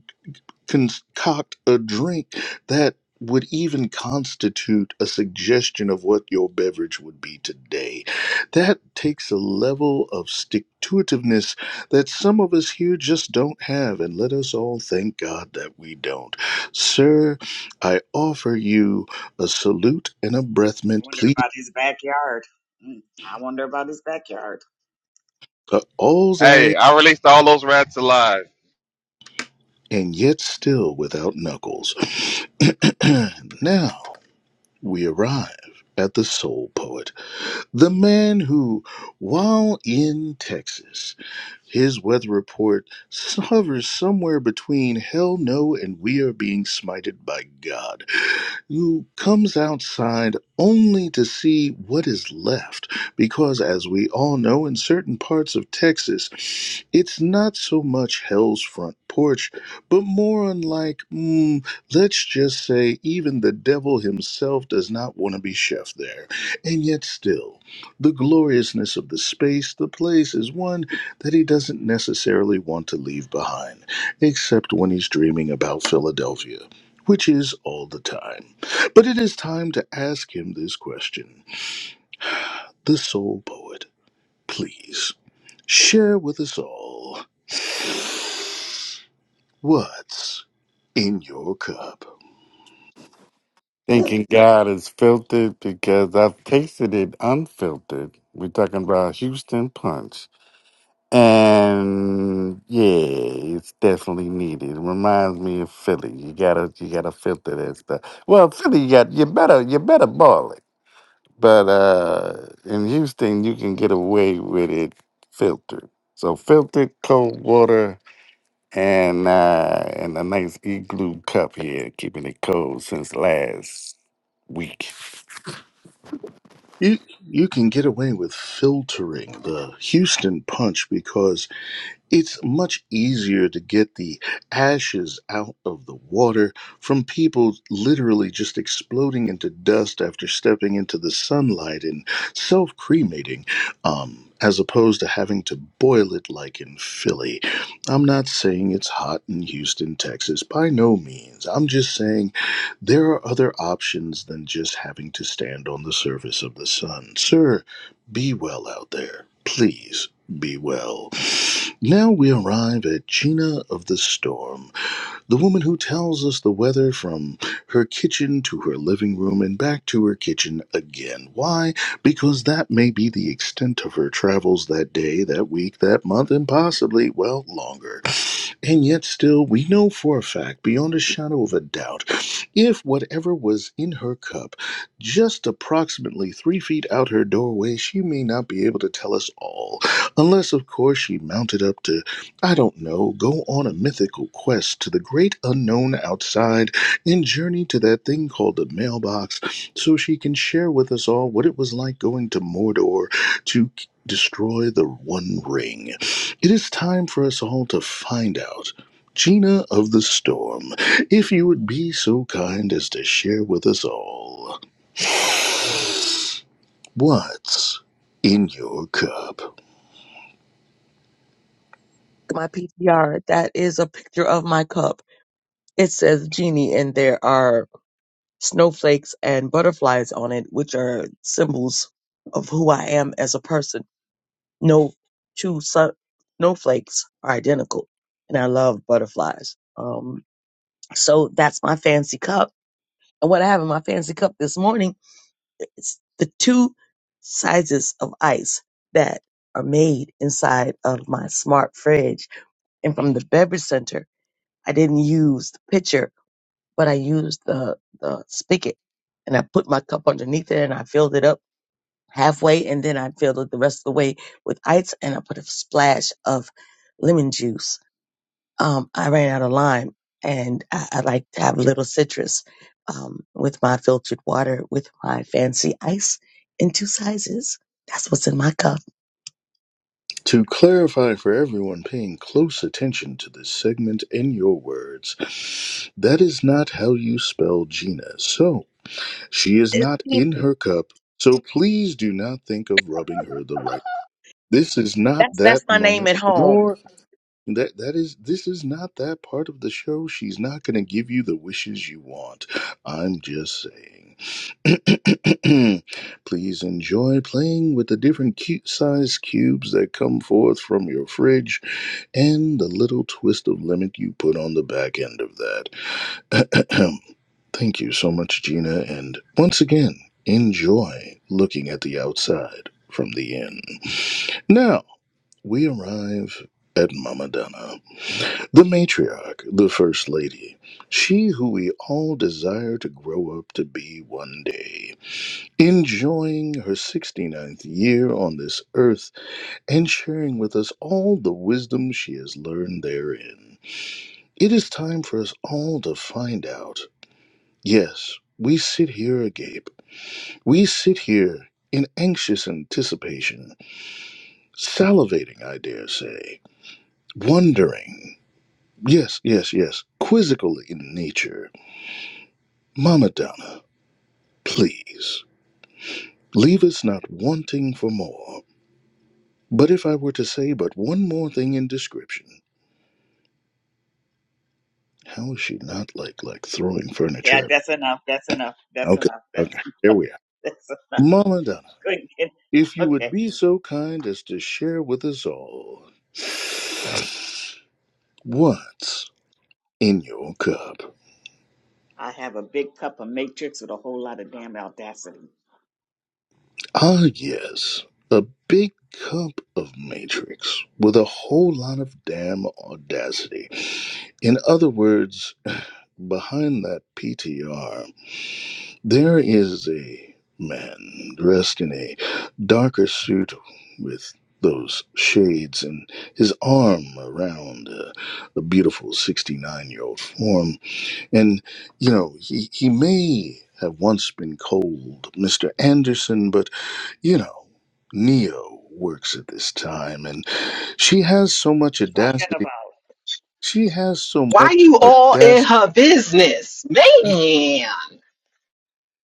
concoct a drink that would even constitute a suggestion of what your beverage would be today. That takes a level of stick to itiveness that some of us here just don't have, and let us all thank God that we don't. Sir, I offer you a salute and a breath mint, please. Uh, all's I, Hey, I released all those rats alive. and yet still without knuckles. now we arrive at the soul poet. The man who, while in Texas, his weather report hovers somewhere between hell no and we are being smited by God who comes outside only to see what is left. Because, as we all know, in certain parts of Texas, it's not so much hell's front porch, but more unlike, mm, let's just say, even the devil himself does not want to be chef there. And yet, still, the gloriousness of the space, the place, is one that he doesn't necessarily want to leave behind, except when he's dreaming about Philadelphia, which is all the time. But it is time to ask him this question. The soul poet, please share with us all what's in your cup. Thinking God is filtered because I've tasted it unfiltered. We're talking about Houston Punch. And yeah, it's definitely needed. It reminds me of Philly. You gotta you gotta filter that stuff. Well, Philly you got you better you better boil it. But uh, in Houston, you can get away with it filtered. So filtered cold water and uh, and a nice igloo cup here, keeping it cold since last week. You, you can get away with filtering the Houston punch because It's much easier to get the ashes out of the water from people literally just exploding into dust after stepping into the sunlight and self cremating, um, as opposed to having to boil it like in Philly. I'm not saying it's hot in Houston, Texas, by no means. I'm just saying there are other options than just having to stand on the surface of the sun. Sir, be well out there. Please be well. Now we arrive at Gina of the Storm. The woman who tells us the weather from her kitchen to her living room and back to her kitchen again. Why? Because that may be the extent of her travels that day, that week, that month, and possibly, well, longer. And yet, still, we know for a fact, beyond a shadow of a doubt, if whatever was in her cup, just approximately three feet out her doorway, she may not be able to tell us all. Unless, of course, she mounted up to I don't know, go on a mythical quest to the great unknown outside and journey to that thing called the mailbox so she can share with us all what it was like going to Mordor to k- destroy the One Ring. It is time for us all to find out. Gina of the Storm, if you would be so kind as to share with us all what's in your cup. my ptr that is a picture of my cup it says genie and there are snowflakes and butterflies on it, which are symbols of who I am as a person. No two sun- snowflakes are identical, and I love butterflies. Um, so that's my fancy cup. And what I have in my fancy cup this morning is the two sizes of ice that are made inside of my smart fridge. And from the beverage center, I didn't use the pitcher but I used the, the spigot and I put my cup underneath there and I filled it up halfway and then I filled it the rest of the way with ice and I put a splash of lemon juice. Um, I ran out of lime and I, I like to have a little citrus um, with my filtered water with my fancy ice in two sizes. That's what's in my cup. To clarify for everyone paying close attention to this segment in your words, that is not how you spell Gina. So, she is It- not in her cup, so please do not think of rubbing her the right. This is not That's that's that my name moment, at home. nor that that is this is not that part of the show. She's not going to give you the wishes you want. I'm just saying. Please enjoy playing with the different cute sized cubes that come forth from your fridge and the little twist of lemon you put on the back end of that. Thank you so much Gina and once again enjoy looking at the outside from the inn. Now, we arrive at Mama Donna. The matriarch, the first lady, she who we all desire to grow up to be one day, enjoying her sixty-ninth year on this earth and sharing with us all the wisdom she has learned therein. It is time for us all to find out. Yes, we sit here agape. We sit here in anxious anticipation, salivating, I dare say, wondering. Yes, yes, yes, quizzical in nature Mama Donna, please, leave us not wanting for more. But if I were to say but one more thing in description, how is she not like like throwing furniture? at- Okay, okay, here we are. Mama Donna, if you would be so kind as to share with us all what's in your cup. Ah, yes, a big cup of Matrix with a whole lot of damn audacity. In other words, behind that PTR, there is a man dressed in a darker suit with those shades and his arm around uh, a beautiful 69 year old form. And, you know, he, he may have once been cold, Mr. Anderson, but, you know, Neo works at this time and she has so much audacity. She has so much audacity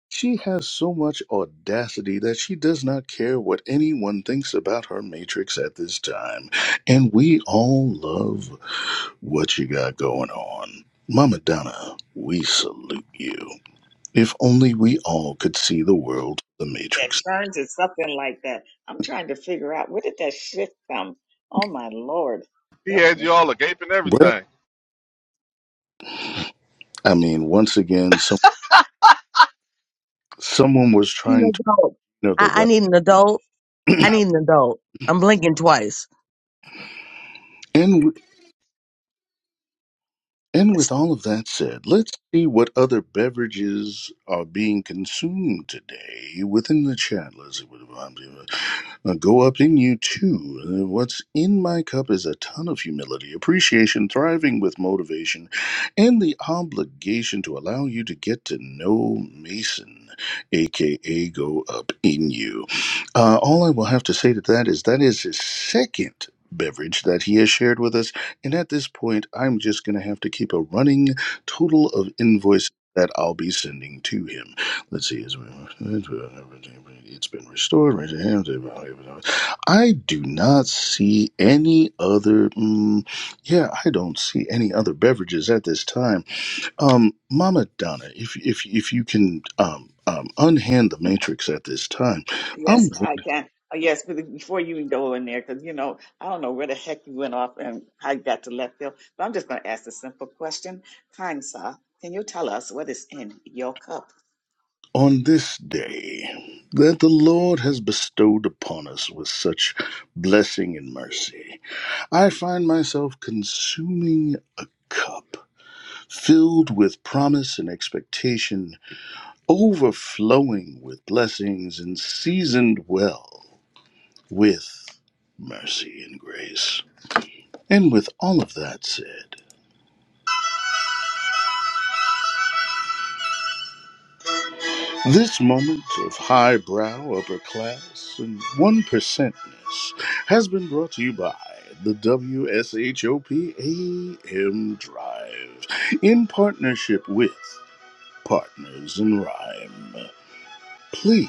She has so much audacity that she does not care what anyone thinks about her Matrix at this time. And we all love what you got going on. Mama Donna, we salute you. If only we all could see the world of the Matrix. He had you all agape and Where everything. I mean, once again, some, someone was I need an trying to, adult. you know, the I, I right. need an adult. I need an adult. I'm blinking twice. and And with all of that said, let's see what other beverages are being consumed today within the chat. Let's see what uh, go up in you too. Uh, What's in my cup is a ton of humility, appreciation, thriving with motivation, and the obligation to allow you to get to know Mason, aka Go Up in You. Uh, all I will have to say to that is that is his second beverage that he has shared with us and at this point, I'm just going to have to keep a running total of invoices that I'll be sending to him. Let's see. It's been restored. I do not see any other. mm yeah, I don't see any other beverages at this time. Um, Mama Donna, if if if you can um, um, unhand the matrix at this time, I'm On this day that the Lord has bestowed upon us with such blessing and mercy, I find myself consuming a cup filled with promise and expectation, overflowing with blessings and seasoned well with mercy and grace. And with all of that said, This moment of highbrow, upper class, and one percentness has been brought to you by the W S H O P A M Drive in partnership with Partners in Rhyme. Please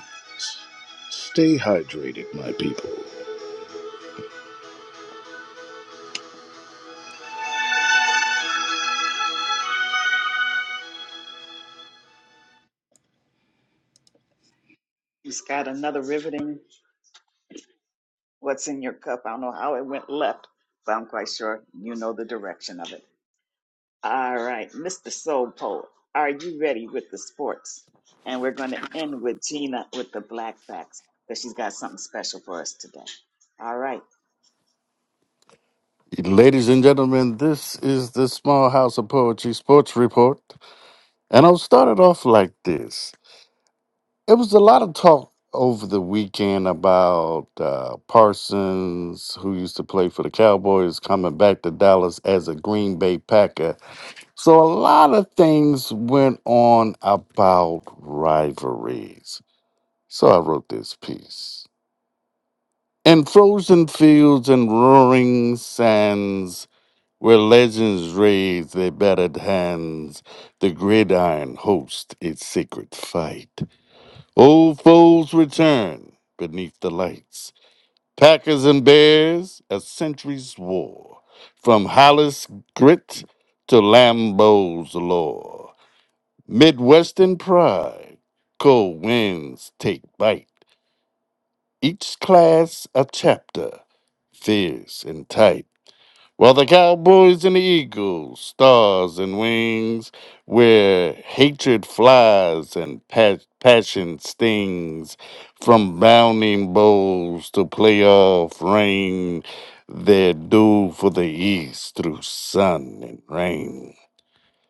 stay hydrated, my people. Ladies and gentlemen, this is the Small House of Poetry Sports Report, and I'll start it off like this. It was a lot of talk over the weekend about uh, Parsons, who used to play for the Cowboys, coming back to Dallas as a Green Bay Packer So a lot of things went on about rivalries. So I wrote this piece. In frozen fields and roaring sands, where legends raise their battered hands, the gridiron hosts its sacred fight. Old foes return beneath the lights. Packers and Bears, a century's war, from Hollis grit to Lambeau's lore. Midwestern pride. Cold winds take bite. Each class a chapter, fierce and tight. While the cowboys and the eagles, stars and wings, where hatred flies and pa- passion stings, from bounding bowls to playoff rain, they're due for the east through sun and rain.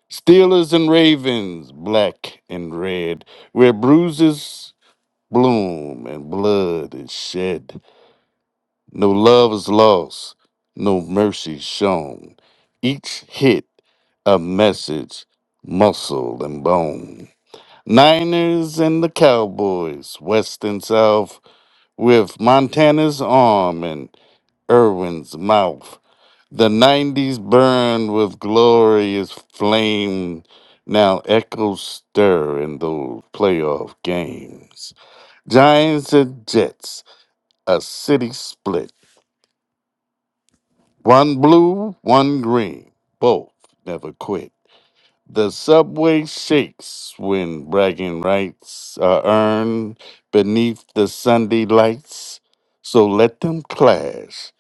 Steelers and Ravens, black and red, where bruises bloom and blood is shed. No love is lost, no mercy shown. Each hit a message, muscle and bone. Niners and the Cowboys, west and south, with Montana's arm and Irwin's mouth. The 90s burn with glorious flame, now echoes stir in those playoff games. Giants and Jets, a city split. One blue, one green, both never quit. The subway shakes when bragging rights are earned beneath the Sunday lights. So let them clash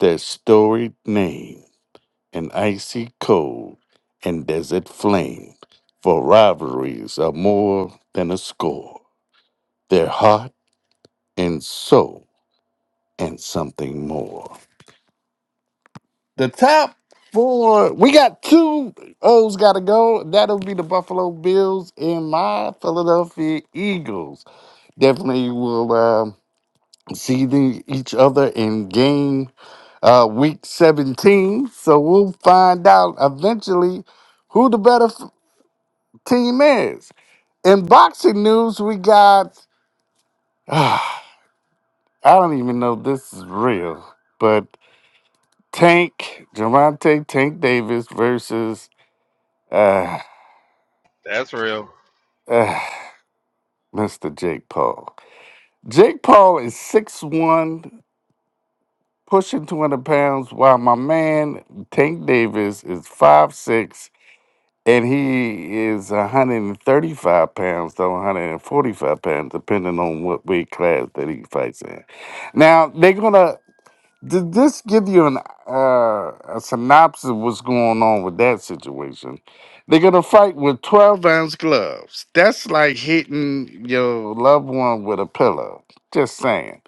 their storied names. an icy cold and desert flame. For rivalries are more than a score, they're heart and soul and something more. The top four, we got two O's got to go. That'll be the Buffalo Bills and my Philadelphia Eagles. Definitely will um see the, each other in game uh, week 17. So we'll find out eventually who the better f- team is. In boxing news, we got I don't even know if this is real, but Tank Javante Tank Davis versus uh, That's real. uh Mr. Jake Paul. Jake Paul is six-one, pushing 200 pounds, while my man Tank Davis is five-six, and he is 135 pounds to 145 pounds, depending on what weight class that he fights in. Now they're gonna Did this give you an uh, a synopsis of what's going on with that situation? They're gonna fight with twelve ounce gloves. That's like hitting your loved one with a pillow. Just saying.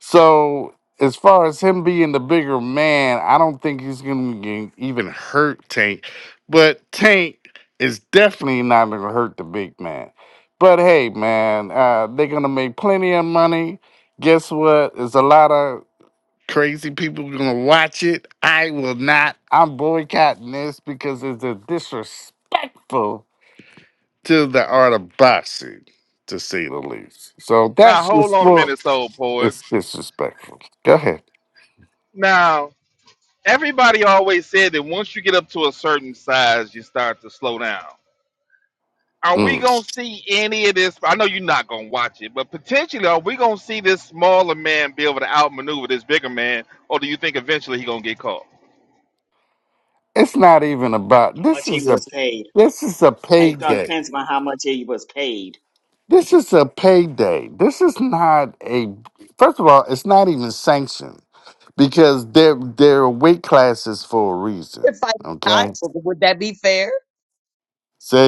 So as far as him being the bigger man, I don't think he's gonna get- even hurt Tank. But Tank is definitely not gonna hurt the big man. But hey, man, uh, they're gonna make plenty of money guess what? There's a lot of Crazy people gonna watch it. I will not. I'm boycotting this because it's a disrespectful to the art of boxing, to say the least. So Now that's your hold on a sport. minute, soul poet. It's disrespectful. Go ahead. Now everybody always said that once you get up to a certain size, you start to slow down. are we Mm. gonna see any of this? I know you're not gonna watch it, but potentially, are we gonna see this smaller man be able to outmaneuver this bigger man, or do you think eventually he gonna get caught? It's not even about. This is a. This is a payday. This is a payday. This is not a. First of all, it's not even sanctioned because there there are weight classes for a reason. If I die, Okay. would that be fair? Say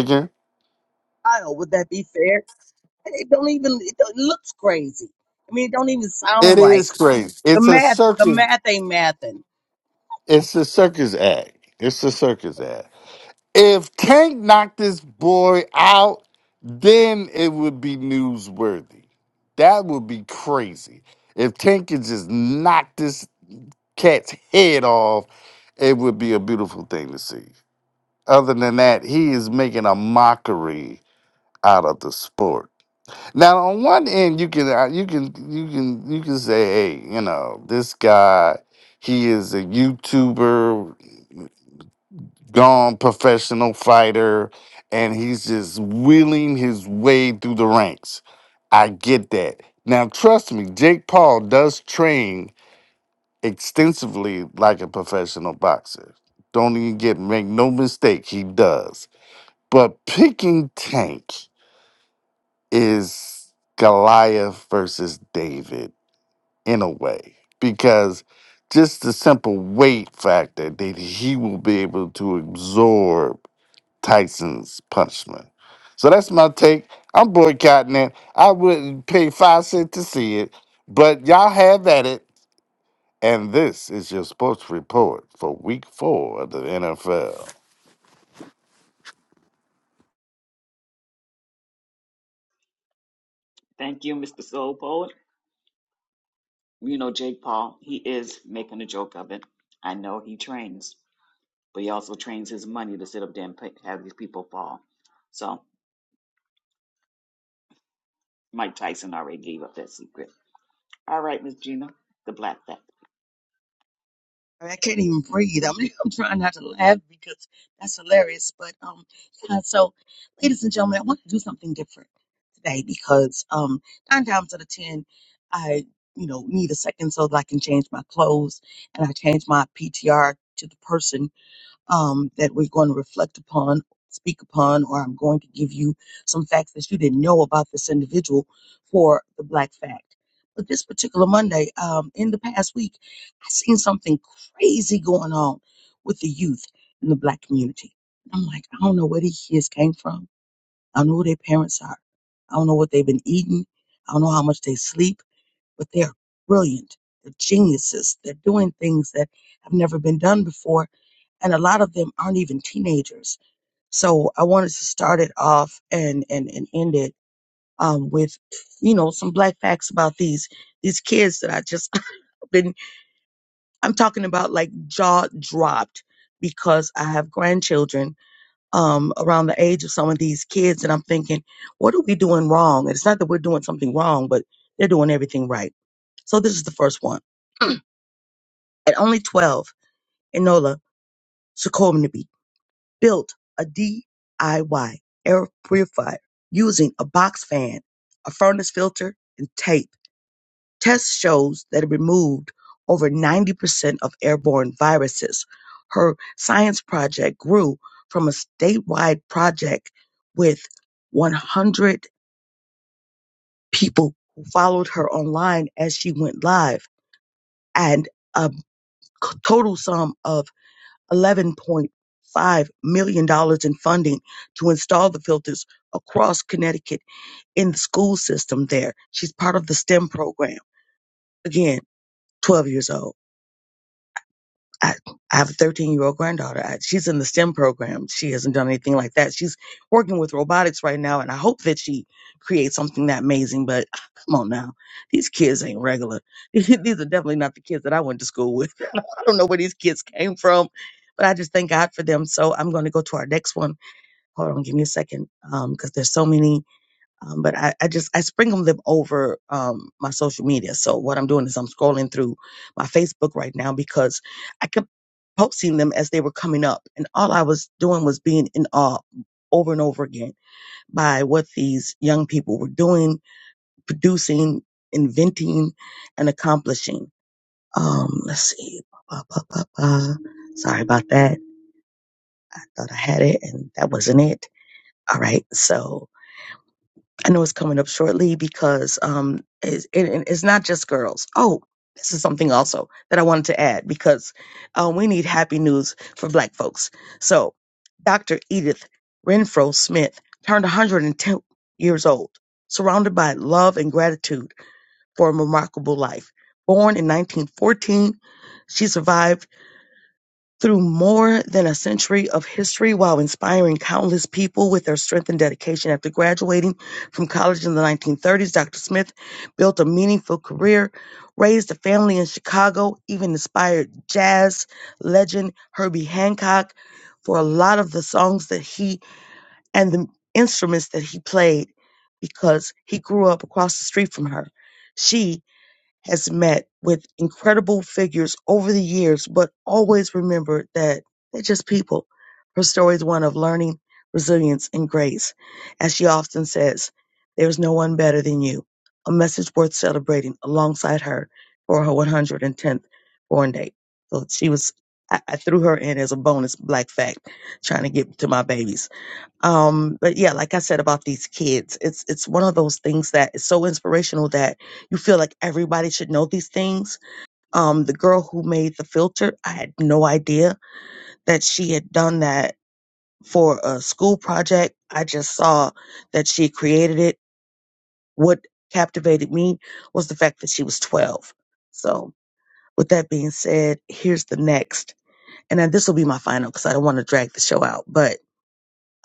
I don't. Would that be fair? It don't even. It, don't, it looks crazy. I mean, it don't even It sound right. is crazy. The It's a math. The circus. math ain't mathing. It's a circus act. It's a circus act. If Tank knocked this boy out, then it would be newsworthy. That would be crazy. If Tank could just knock this cat's head off, it would be a beautiful thing to see. Other than that, he is making a mockery out of the sport. Now, on one end, you can uh, you can you can you can say, hey, you know, this guy, he is a YouTuber, gone professional fighter, and he's just wheeling his way through the ranks. I get that. Now, trust me, Jake Paul does train extensively like a professional boxer. Don't even get make no mistake, he does. But picking Tank is Goliath versus David in a way because just the simple weight factor that he will be able to absorb Tyson's punishment. So that's my take. I'm boycotting it. I wouldn't pay five cents to see it, but y'all have at it. And this is your sports report for week four of the NFL. I, mean, I can't even breathe. I'm, I'm trying not to laugh because that's hilarious. But um, yeah. So, ladies and gentlemen, I want to do something different today because um, nine times out of ten, I you know need a second so that I can change my clothes and I change my PTR to the person um, that we're going to reflect upon, speak upon, or I'm going to give you some facts that you didn't know about this individual for the Black Fact. But this particular Monday, um, in the past week, I seen something crazy going on with the youth in the Black community. I'm like, I don't know where these kids came from. I don't know who their parents are. I don't know what they've been eating. I don't know how much they sleep, but they're brilliant. They're geniuses. They're doing things that have never been done before and a lot of them aren't even teenagers. So I wanted to start it off and and and end it um, with you know some black facts about these these kids that I just been I'm talking about like jaw dropped because I have grandchildren um, around the age of some of these kids and I'm thinking what are we doing wrong? And it's not that we're doing something wrong, but they're doing everything right. So this is the first one. At only 12, Enola succumbed built a DIY air purifier using a box fan, a furnace filter, and tape. Tests shows that it removed over 90% of airborne viruses. Her science project grew from a statewide project with 100 people who followed her online as she went live and a total sum of $11.5 million dollars in funding to install the filters across Connecticut in the school system there. She's part of the STEM program. Again, 12 years old. I, I have a 13 year old granddaughter. I, she's in the STEM program. She hasn't done anything like that. She's working with robotics right now, and I hope that she creates something that amazing. But ah, come on now, these kids ain't regular. these are definitely not the kids that I went to school with. I don't know where these kids came from, but I just thank God for them. So I'm going to go to our next one hold on, give me a second, um, because there's so many. Um, but I, I just I sprinkle them over um my social media. So what I'm doing is I'm scrolling through my Facebook right now because I kept posting them as they were coming up, and all I was doing was being in awe over and over again by what these young people were doing, producing, inventing, and accomplishing. Um, let's see. Ba, ba, ba, ba, ba. Sorry about that. I thought I had it, and that wasn't it. All right, so I know it's coming up shortly because um, it's, it, it- it's not just girls. Oh, this is something also that I wanted to add because uh, we need happy news for Black folks. So, Dr. Edith Renfro Smith turned 110 years old, surrounded by love and gratitude for a remarkable life. Born in 1914, she survived through more than a century of history while inspiring countless people with their strength and dedication. After graduating from college in the 1930s, Dr. Smith built a meaningful career, raised a family in Chicago, even inspired jazz legend Herbie Hancock for a lot of the songs that he and the instruments that he played because he grew up across the street from her. She has met with incredible figures over the years, but always remember that they're just people. Her story is one of learning, resilience, and grace. As she often says, there's no one better than you. A message worth celebrating alongside her for her 110th born date. So she was, I, I threw her in as a bonus black fact, trying to get to my babies um but yeah like i said about these kids it's it's one of those things that is so inspirational that you feel like everybody should know these things um the girl who made the filter i had no idea that she had done that for a school project i just saw that she created it what captivated me was the fact that she was 12 so with that being said here's the next and then this will be my final because i don't want to drag the show out but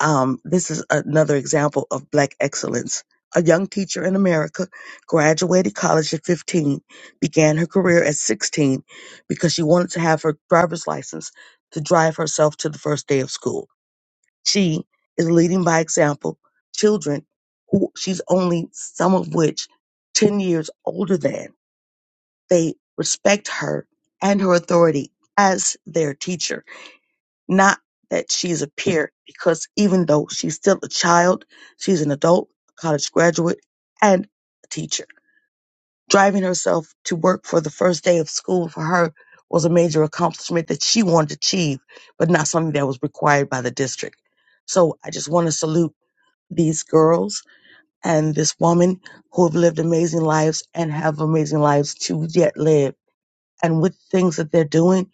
um, this is another example of black excellence. A young teacher in America graduated college at 15, began her career at 16 because she wanted to have her driver's license to drive herself to the first day of school. She is leading by example children who she's only some of which 10 years older than. They respect her and her authority as their teacher not that she's a peer, because even though she's still a child, she's an adult, a college graduate, and a teacher. Driving herself to work for the first day of school for her was a major accomplishment that she wanted to achieve, but not something that was required by the district. So I just want to salute these girls and this woman who have lived amazing lives and have amazing lives to yet live. And with things that they're doing,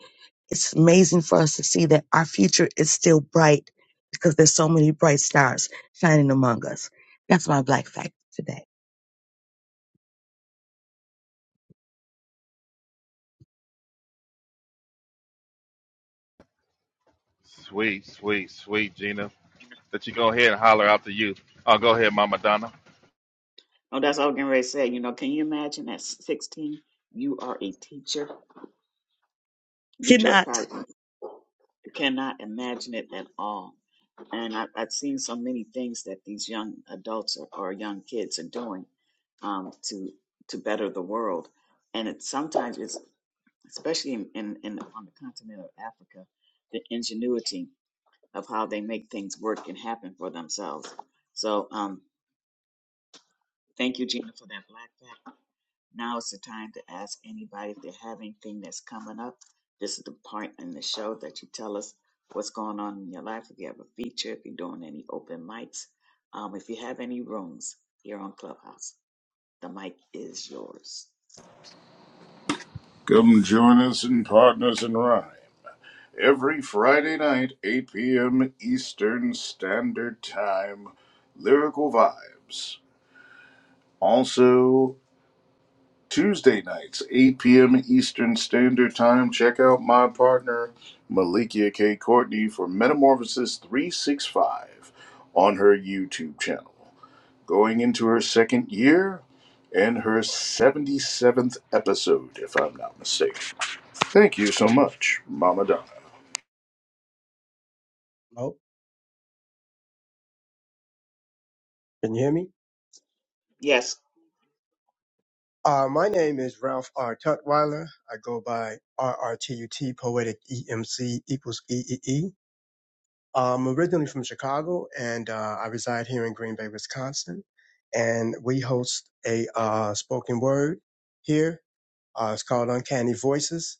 it's amazing for us to see that our future is still bright because there's so many bright stars shining among us. That's my black fact today. Sweet, sweet, sweet, Gina. That you go ahead and holler out to you. Oh, go ahead, Mama Donna. Cannot Come join us in Partners in Rhyme every Friday night, 8 p.m. Eastern Standard Time. Lyrical Vibes. Also, Tuesday nights, 8 p.m. Eastern Standard Time. Check out my partner, Malikia K. Courtney, for Metamorphosis 365 on her YouTube channel. Going into her second year and her 77th episode, if I'm not mistaken. Thank you so much, Mama Donna. Oh, can you hear me? Uh, my name is Ralph R. Tutwiler. I go by RRTUT, Poetic EMC equals E. E. am originally from Chicago and uh, I reside here in Green Bay, Wisconsin. And we host a uh, spoken word here Uh, it's called Uncanny Voices.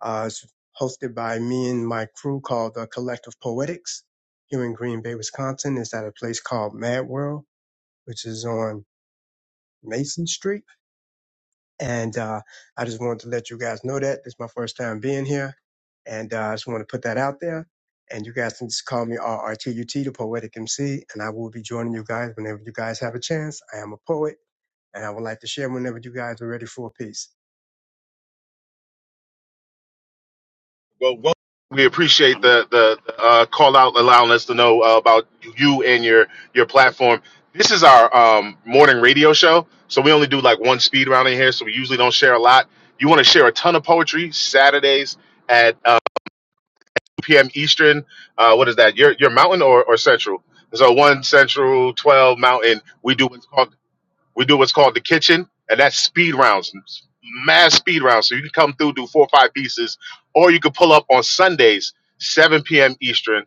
Uh, it's hosted by me and my crew called the Collective Poetics here in Green Bay, Wisconsin. It's at a place called Mad World, which is on Mason Street. And uh, I just wanted to let you guys know that. This is my first time being here. And uh, I just want to put that out there. And you guys can just call me RRTUT, the Poetic MC, and I will be joining you guys whenever you guys have a chance. I am a poet, and I would like to share whenever you guys are ready for a piece. Well, well we appreciate the the uh, call out, allowing us to know uh, about you and your your platform. This is our um, morning radio show, so we only do like one speed round in here, so we usually don't share a lot. You want to share a ton of poetry Saturdays at uh, 2 p.m. Eastern. Uh, what is that? Your your mountain or, or central? So one central, twelve mountain. We do what's called we do what's called the kitchen, and that's speed rounds, mass speed rounds. So you can come through, do four or five pieces, or you can pull up on Sundays, 7 p.m. Eastern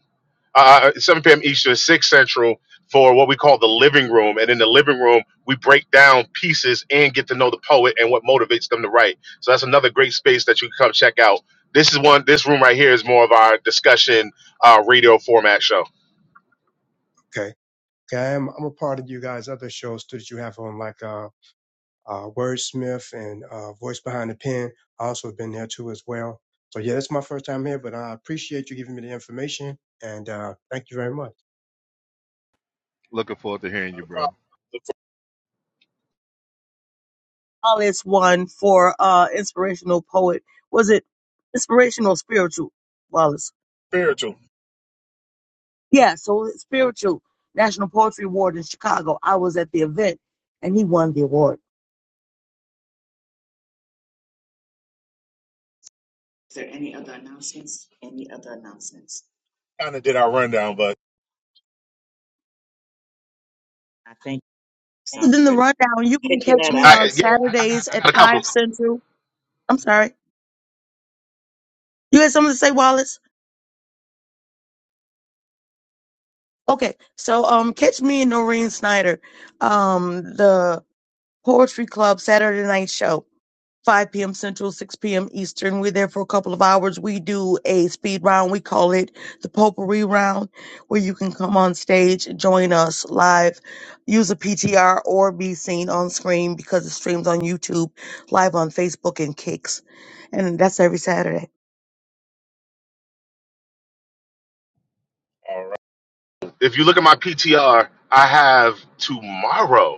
uh, uh, 7 p.m. Eastern, 6 Central for what we call the living room. And in the living room, we break down pieces and get to know the poet and what motivates them to write. So that's another great space that you can come check out. This is one. This room right here is more of our discussion uh, radio format show. Okay. Okay, I'm, I'm a part of you guys' other shows too that you have on, like uh, uh, Wordsmith and uh, Voice Behind the Pen. I also have been there too as well. So yeah, that's my first time here, but I appreciate you giving me the information and uh, thank you very much. Looking forward to hearing Not you, a problem. bro. Look all is one for uh inspirational poet. Was it inspirational spiritual? spiritual. Yeah, so spiritual National Poetry Award in Chicago. I was at the event and he won the award. kind of did our rundown, but Then the rundown, you can catch me on I, yeah, Saturdays I at got a couple. five central. I'm sorry. You had something to say, Wallace? Okay. So um catch me and Noreen Snyder. Um the Poetry Club Saturday night show. 5 p.m. Central, 6 p.m. Eastern. We're there for a couple of hours. We do a speed round. We call it the potpourri round, where you can come on stage, join us live, use a PTR or be seen on screen because it streams on YouTube, live on Facebook and Kicks. And that's every Saturday. If you look at my PTR, I have tomorrow.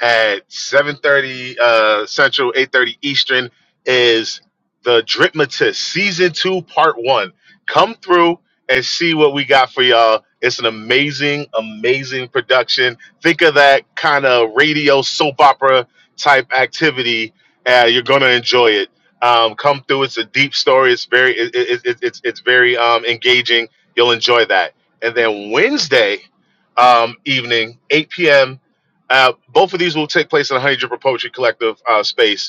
at 7.30 uh, Central, 8.30 Eastern is The Dripmatist Season 2, Part 1. Come through and see what we got for y'all. It's an amazing, amazing production. Think of that kind of radio soap opera type activity. Uh, you're going to enjoy it. Um, come through. It's a deep story. It's very, it, it, it, it's, it's very um, engaging. You'll enjoy that. And then Wednesday um, evening, 8 p.m. Uh, both of these will take place in a Honey Dripper Poetry Collective uh, space.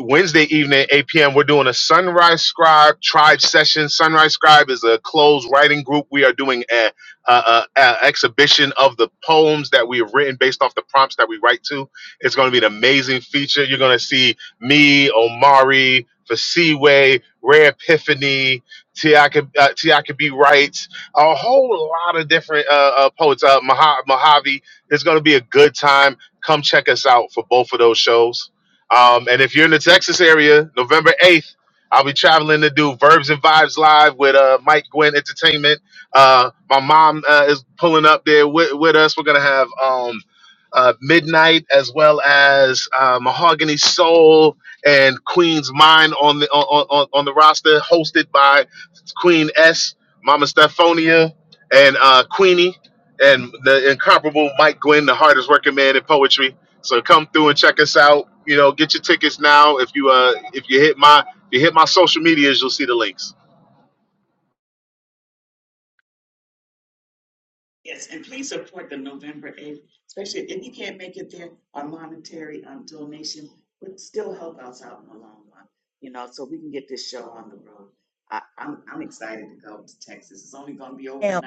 Wednesday evening, at 8 p.m., we're doing a Sunrise Scribe Tribe session. Sunrise Scribe is a closed writing group. We are doing an a, a, a exhibition of the poems that we have written based off the prompts that we write to. It's going to be an amazing feature. You're going to see me, Omari, Fasiwe, Rare Epiphany, Tiaka uh, Tiaka B. Wright, a whole lot of different uh, uh, poets, uh, Maha- Mojave. It's going to be a good time. Come check us out for both of those shows um, and if you're in the Texas area, November 8th, I'll be traveling to do Verbs and Vibes Live with uh, Mike Gwynn Entertainment. Uh, my mom uh, is pulling up there with, with us. We're going to have um, uh, Midnight as well as uh, Mahogany Soul and Queen's Mind on the, on, on, on the roster, hosted by Queen S, Mama Stephonia, and uh, Queenie. And the incomparable Mike Gwynn, the hardest working man in poetry. So come through and check us out. You know, get your tickets now. If you uh if you hit my if you hit my social medias, you'll see the links. Am,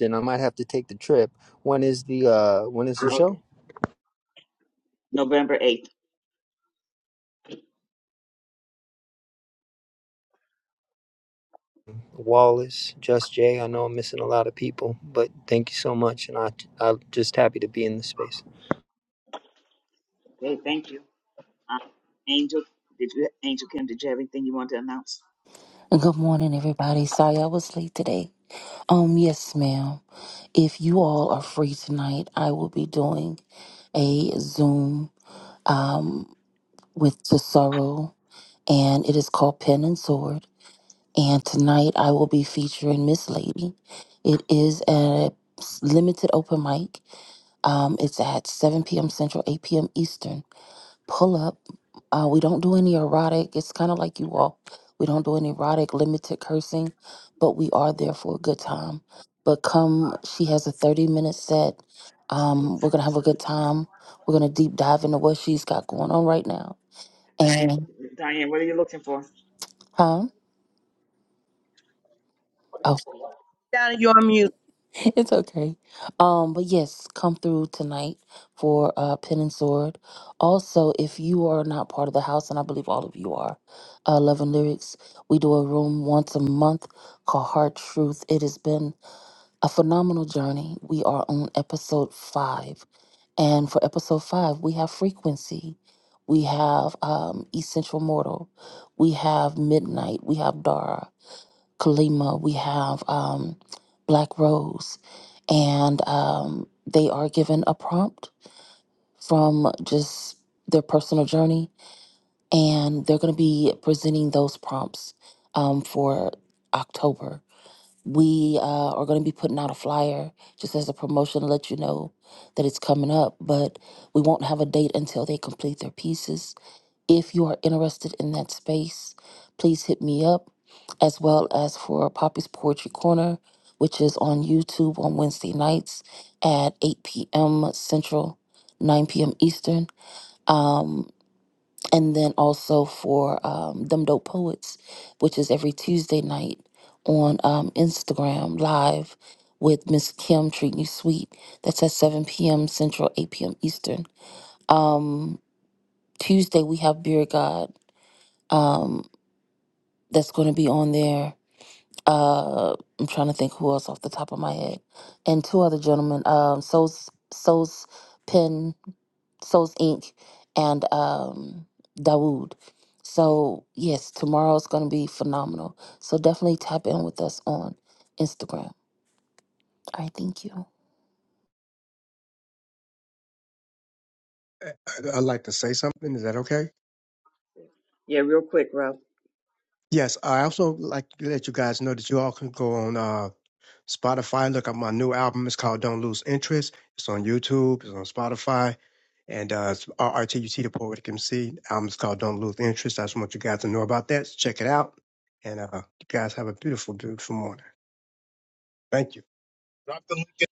and I might have to take the trip. When is the uh when is the show? Wallace, Just Jay. I know I'm missing a lot of people, but thank you so much, and I I'm just happy to be in this space. Good morning, everybody. Sorry I was late today. Um, yes, ma'am. If you all are free tonight, I will be doing a Zoom um with the sorrow, and it is called Pen and Sword. And tonight I will be featuring Miss Lady. It is a limited open mic. Um, it's at 7 p.m. Central, 8 p.m. Eastern pull up. Uh, we don't do any erotic. It's kind of like you all. We don't do any erotic, limited cursing, but we are there for a good time. But come, she has a 30 minute set. Um, we're going to have a good time. We're going to deep dive into what she's got going on right now. And, huh? Oh. down in your mute It's okay. Um, but yes, come through tonight for uh Pen and Sword. Also, if you are not part of the house, and I believe all of you are, uh Love and Lyrics, we do a room once a month called Heart Truth. It has been a phenomenal journey. We are on episode five. And for episode five, we have frequency. We have um Essential Mortal. We have Midnight. We have Dara. Kalima, we have um, Black Rose, and um, they are given a prompt from just their personal journey, and they're going to be presenting those prompts um, for October. We uh, are going to be putting out a flyer just as a promotion to let you know that it's coming up, but we won't have a date until they complete their pieces if you are interested in that space, please hit me up, as well as for Poppy's Poetry Corner, which is on YouTube on Wednesday nights at 8 p.m. Central, 9 p.m. Eastern. Um, and then also for um, Dumb Dope Poets, which is every Tuesday night on um, Instagram Live with Miss Kim Treating You Sweet. That's at 7 p.m. Central, 8 p.m. Eastern. Um, Tuesday, we have Beer God um, that's going to be on there. Uh, I'm trying to think who else off the top of my head, and two other gentlemen, um, Souls Souls Pen Souls Inc. and um, Dawood. So yes, tomorrow's going to be phenomenal. So definitely tap in with us on Instagram. All right, thank you. I, I'd like to say something. Is that okay? Yes, I also like to let you guys know that you all can go on. Uh, Spotify. Look at my new album. It's called Don't Lose Interest. It's on YouTube. It's on Spotify. And uh, it's RRTUT, the Poetic MC. The album's called Don't Lose Interest. I just want you guys to know about that. So check it out. And uh, you guys have a beautiful, beautiful morning. Thank you. Drop the link. in-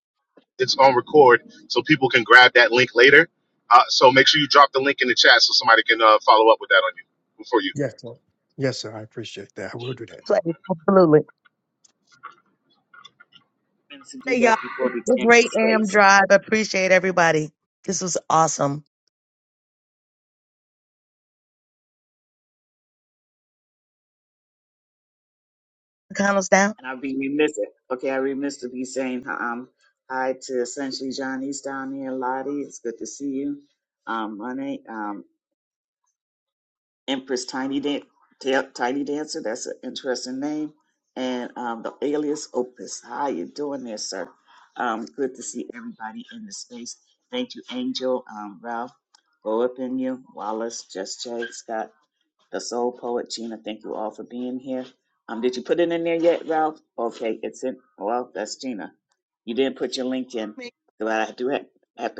It's on record, so people can grab that link later. Uh, so make sure you drop the link in the chat so somebody can uh, follow up with that on you before you go. Yes, sir. Yes, sir. I appreciate that. I will do that. place. Absolutely. Hey, y'all. It's a great Am Drive. I appreciate everybody. This was awesome. McConnell's down.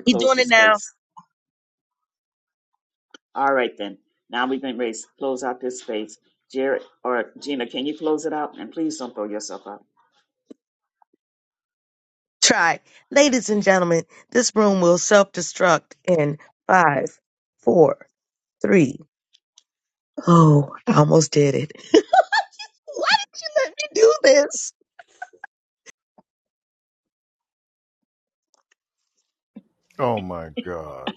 He's doing it now. try. Ladies and gentlemen, this room will self destruct in five, four, three. Oh, I almost did it. Why did you let me do this? Oh my God.